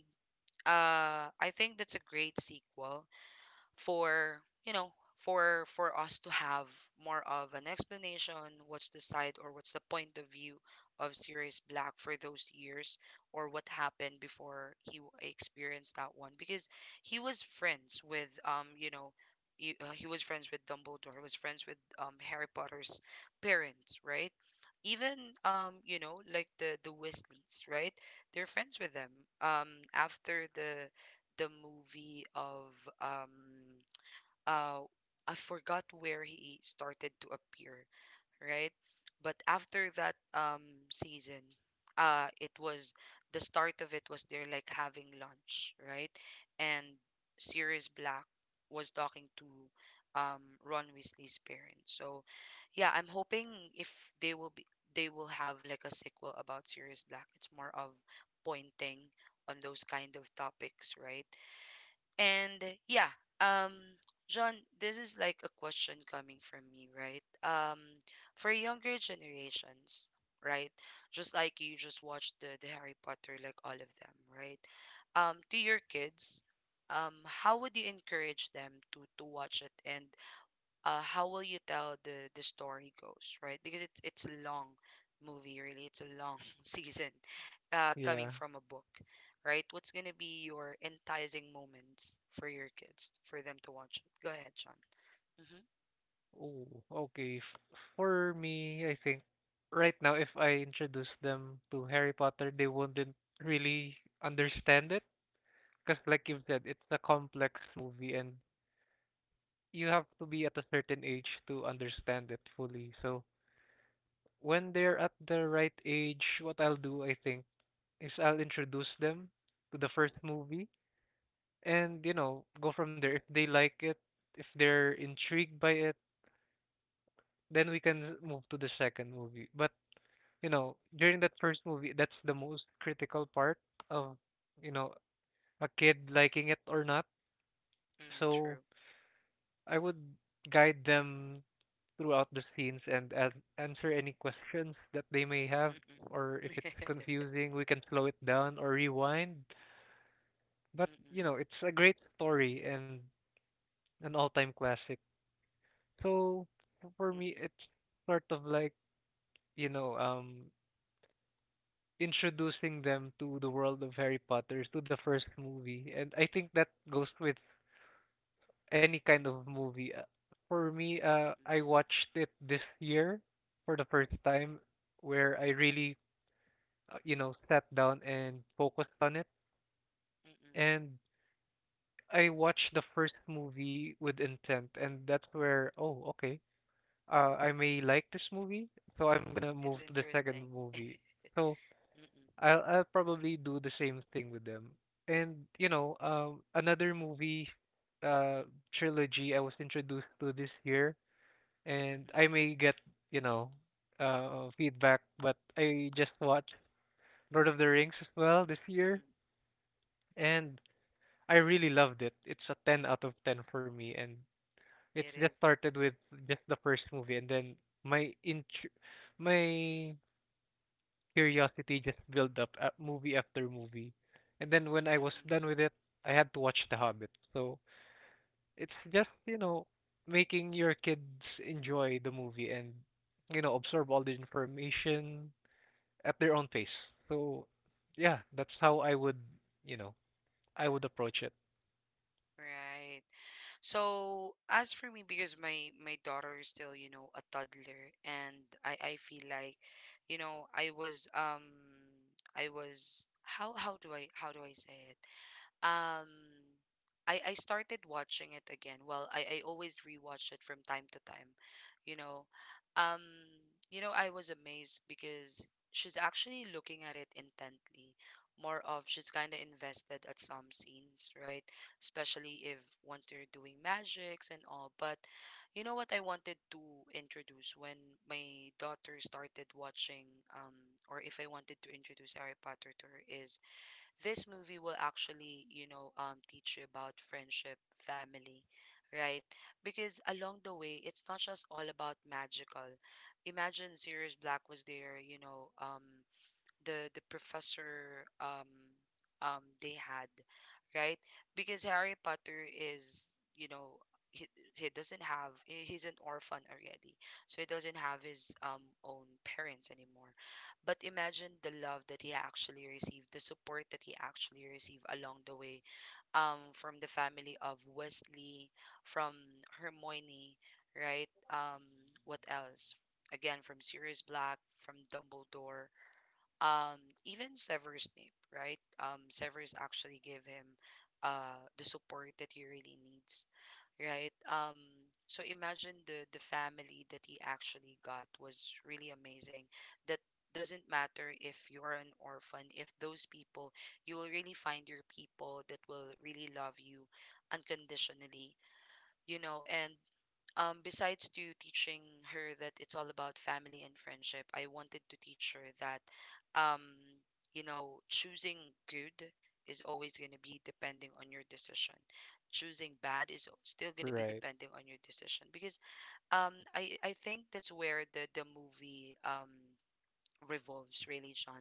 Speaker 1: I think that's a great sequel for you know for us to have more of an explanation what's the side or what's the point of view of Sirius Black for those years, or what happened before he experienced that one, because he was friends with he was friends with Dumbledore, he was friends with Harry Potter's parents, right? Even you know like the Weasleys, right? They're friends with them. um After the movie of um uh I forgot where he started to appear, right? But after that season, it was the start of it was they're like having lunch, right? And Sirius Black was talking to Ron Weasley's parents. So yeah, I'm hoping if they will be they will have like a sequel about Sirius Black. It's more of pointing on those kind of topics, right? And yeah, um, John, this is like a question coming from me, right? For younger generations, right? Just like you just watched the Harry Potter, like all of them, right? To your kids, how would you encourage them to watch it and how will you tell the story goes, right? Because it's a long movie, really. It's a long season, coming
Speaker 2: Yeah.
Speaker 1: from a book, right? What's gonna be your enticing moments for your kids for them to watch it? Go ahead, Sean. Mm-hmm.
Speaker 2: Oh, okay. F- For me, I think right now, if I introduce them to Harry Potter, they wouldn't really understand it because, like you've said, it's a complex movie and you have to be at a certain age to understand it fully. So when they're at the right age, what I'll do, I think, is I'll introduce them to the first movie and, you know, go from there. If they like it, if they're intrigued by it, then we can move to the second movie. But, you know, during that first movie, that's the most critical part of, you know, a kid liking it or not.
Speaker 1: Mm,
Speaker 2: So
Speaker 1: true.
Speaker 2: I would guide them throughout the scenes and as answer any questions that they may have
Speaker 1: Mm-mm.
Speaker 2: or if it's confusing we can slow it down or rewind but
Speaker 1: Mm-mm.
Speaker 2: you know it's a great story and an all-time classic so for me
Speaker 1: Mm-mm.
Speaker 2: it's sort of like you know introducing them to the world of Harry Potter to the first movie and I think that goes with any kind of movie. For me
Speaker 1: Mm-mm.
Speaker 2: I watched it this year for the first time where I
Speaker 1: Mm-mm.
Speaker 2: really you know, sat down and focused on it.
Speaker 1: Mm-mm.
Speaker 2: And I watched the first movie with intent, and that's where, oh, okay, I may like this movie, so I'm gonna
Speaker 1: It's
Speaker 2: move to the
Speaker 1: interesting.
Speaker 2: second movie. So
Speaker 1: Mm-mm.
Speaker 2: I'll probably do the same thing with them. And you know, another movie, uh, trilogy I was introduced to this year, and
Speaker 1: Mm-mm.
Speaker 2: I may get, you know, feedback, but I just watched Lord of the Rings as well this year,
Speaker 1: Mm-mm.
Speaker 2: and I really loved it. It's a 10 out of 10 for me and it's
Speaker 1: It
Speaker 2: just
Speaker 1: is.
Speaker 2: started with just the first movie and then my int- my curiosity just built up at movie after movie. And then when I was
Speaker 1: Mm-mm.
Speaker 2: done with it, I had to watch The Hobbit. So it's just, you know, making your kids enjoy the movie and you know, absorb all the information at their own pace. So yeah, that's how I would, you know, I would approach it.
Speaker 1: Right. So as for me, because my daughter is still, you know, a toddler, and I feel like, you know, I was I was how do I how do I say it? Um, I started watching it again. Well, I always rewatch it from time to time, you know. Um, you know, I was amazed because she's actually looking at it intently. More of she's kind of invested at some scenes, right? Especially if once they're doing magics and all. But you know what I wanted to introduce when my daughter started watching, um, or if I wanted to introduce Harry Potter to her is this movie will actually, you know, teach you about friendship, family, right? Because along the way, it's not just all about magical. Imagine Sirius Black was there, you know, the professor they had, right? Because Harry Potter is, you know, he, he doesn't have he's an orphan already. So he doesn't have his own parents anymore. But imagine the love that he actually received, the support that he actually received along the way from the family of Wesley, from Hermione, right? What else? Again from Sirius Black, from Dumbledore um even Severus Snape, right? Severus actually give him the support that he really needs, right? So imagine the family that he actually got was really amazing. That doesn't matter if you're an orphan, if those people you will really find your people that will really love you unconditionally, you know, and besides to teaching her that it's all about family and friendship, I wanted to teach her that, um, you know, choosing good is always going to be depending on your decision. Choosing bad is still going to be
Speaker 2: Right.
Speaker 1: depending on your decision because I think that's where the movie revolves really, John.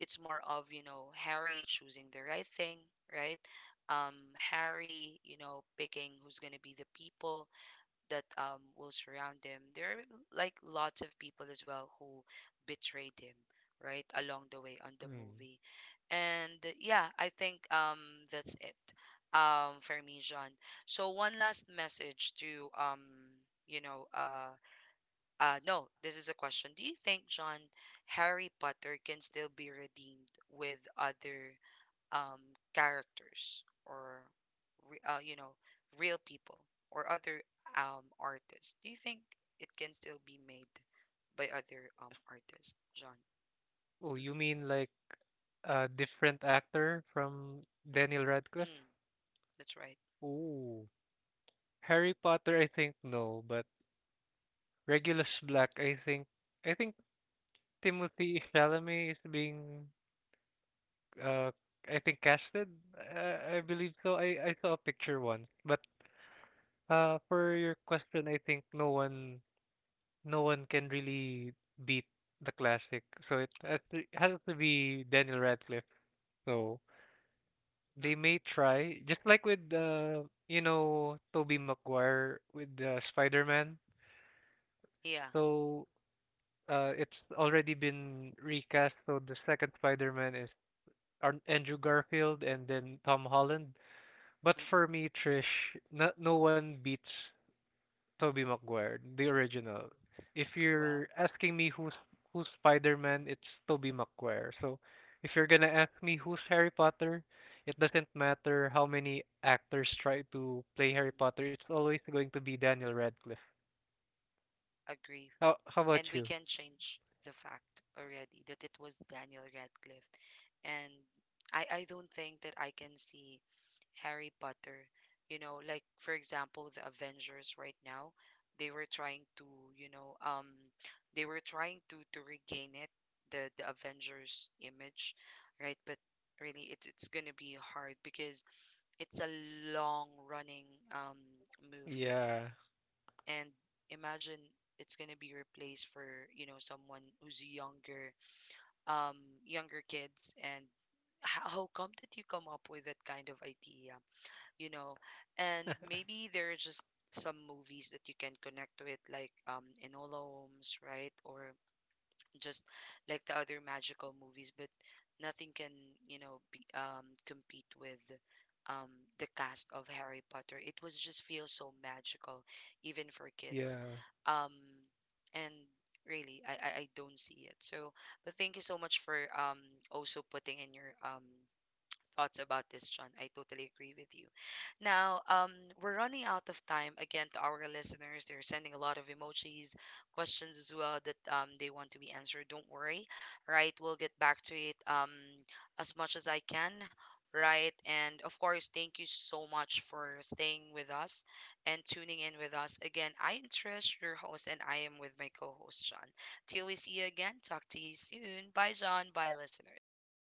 Speaker 1: It's more of, you know, Harry choosing the right thing, right? Harry, you know, picking who's going to be the people that will surround him. There are like lots of people as well who betrayed him, right, along the way on the
Speaker 2: Mm.
Speaker 1: movie. And yeah, I think that's it for me, John. So one last message to you know no, this is a question. Do you think, John, Harry Potter can still be redeemed with other um, characters or you know, real people or other artists? Do you think it can still be made by other artists, John?
Speaker 2: Oh, you
Speaker 1: Mm-hmm.
Speaker 2: mean like a different actor from Daniel
Speaker 1: Mm,
Speaker 2: Radcliffe?
Speaker 1: that's right.
Speaker 2: Oh, Harry Potter, I think no, but Regulus Black, I think Timothy Chalamet is being uh I think casted. I believe so. I saw a picture once. But for your question, I think no one can really beat the classic. So it has to be Daniel Radcliffe. So they
Speaker 1: Mm-mm.
Speaker 2: may try, just like with you know, Tobey Maguire with Spider-Man.
Speaker 1: Yeah.
Speaker 2: So it's already been recast. So the second Spider-Man is Andrew Garfield and then Tom Holland. But for
Speaker 1: Mm-mm.
Speaker 2: me, Trish, no, no one beats Tobey Maguire, the original. If
Speaker 1: Well,
Speaker 2: you're asking me who's Spider-Man, it's Tobey Maguire. So if you're gonna ask me who's Harry Potter, it doesn't matter how many actors try to play Harry
Speaker 1: mm-mm,
Speaker 2: Potter. It's always going to be Daniel Radcliffe.
Speaker 1: agree.
Speaker 2: How
Speaker 1: And
Speaker 2: about
Speaker 1: we
Speaker 2: you?
Speaker 1: can change the fact already that it was Daniel Radcliffe, and I don't think that I can see Harry Potter. You know, like for example, the Avengers right now, they were trying to, you know, they were trying to regain it, the Avengers image, right? But really, it's gonna be hard because it's a long running um movie,
Speaker 2: Yeah,
Speaker 1: and imagine it's gonna be replaced for you know someone who's younger, um, younger kids, and how come did you come up with that kind of idea? You know, and maybe there are just some movies that you can connect with like Enola Holmes, right? Or just like the other magical movies, but nothing can you know be, compete with um the cast of Harry Potter. It was just feel so magical even for kids.
Speaker 2: yeah.
Speaker 1: um and really, I I don't see it. So but thank you so much for also putting in your thoughts about this, John. I totally agree with you. Now, we're running out of time again to our listeners. They're sending a lot of emojis, questions as well that they want to be answered. Don't worry, right? We'll get back to it as much as I can, right? And of course, thank you so much for staying with us and tuning in with us. Again, I am Trish, your host, and I am with my co host, John. Till we see you again, talk to you soon. Bye, John. Bye, listeners.
Speaker 2: Bye.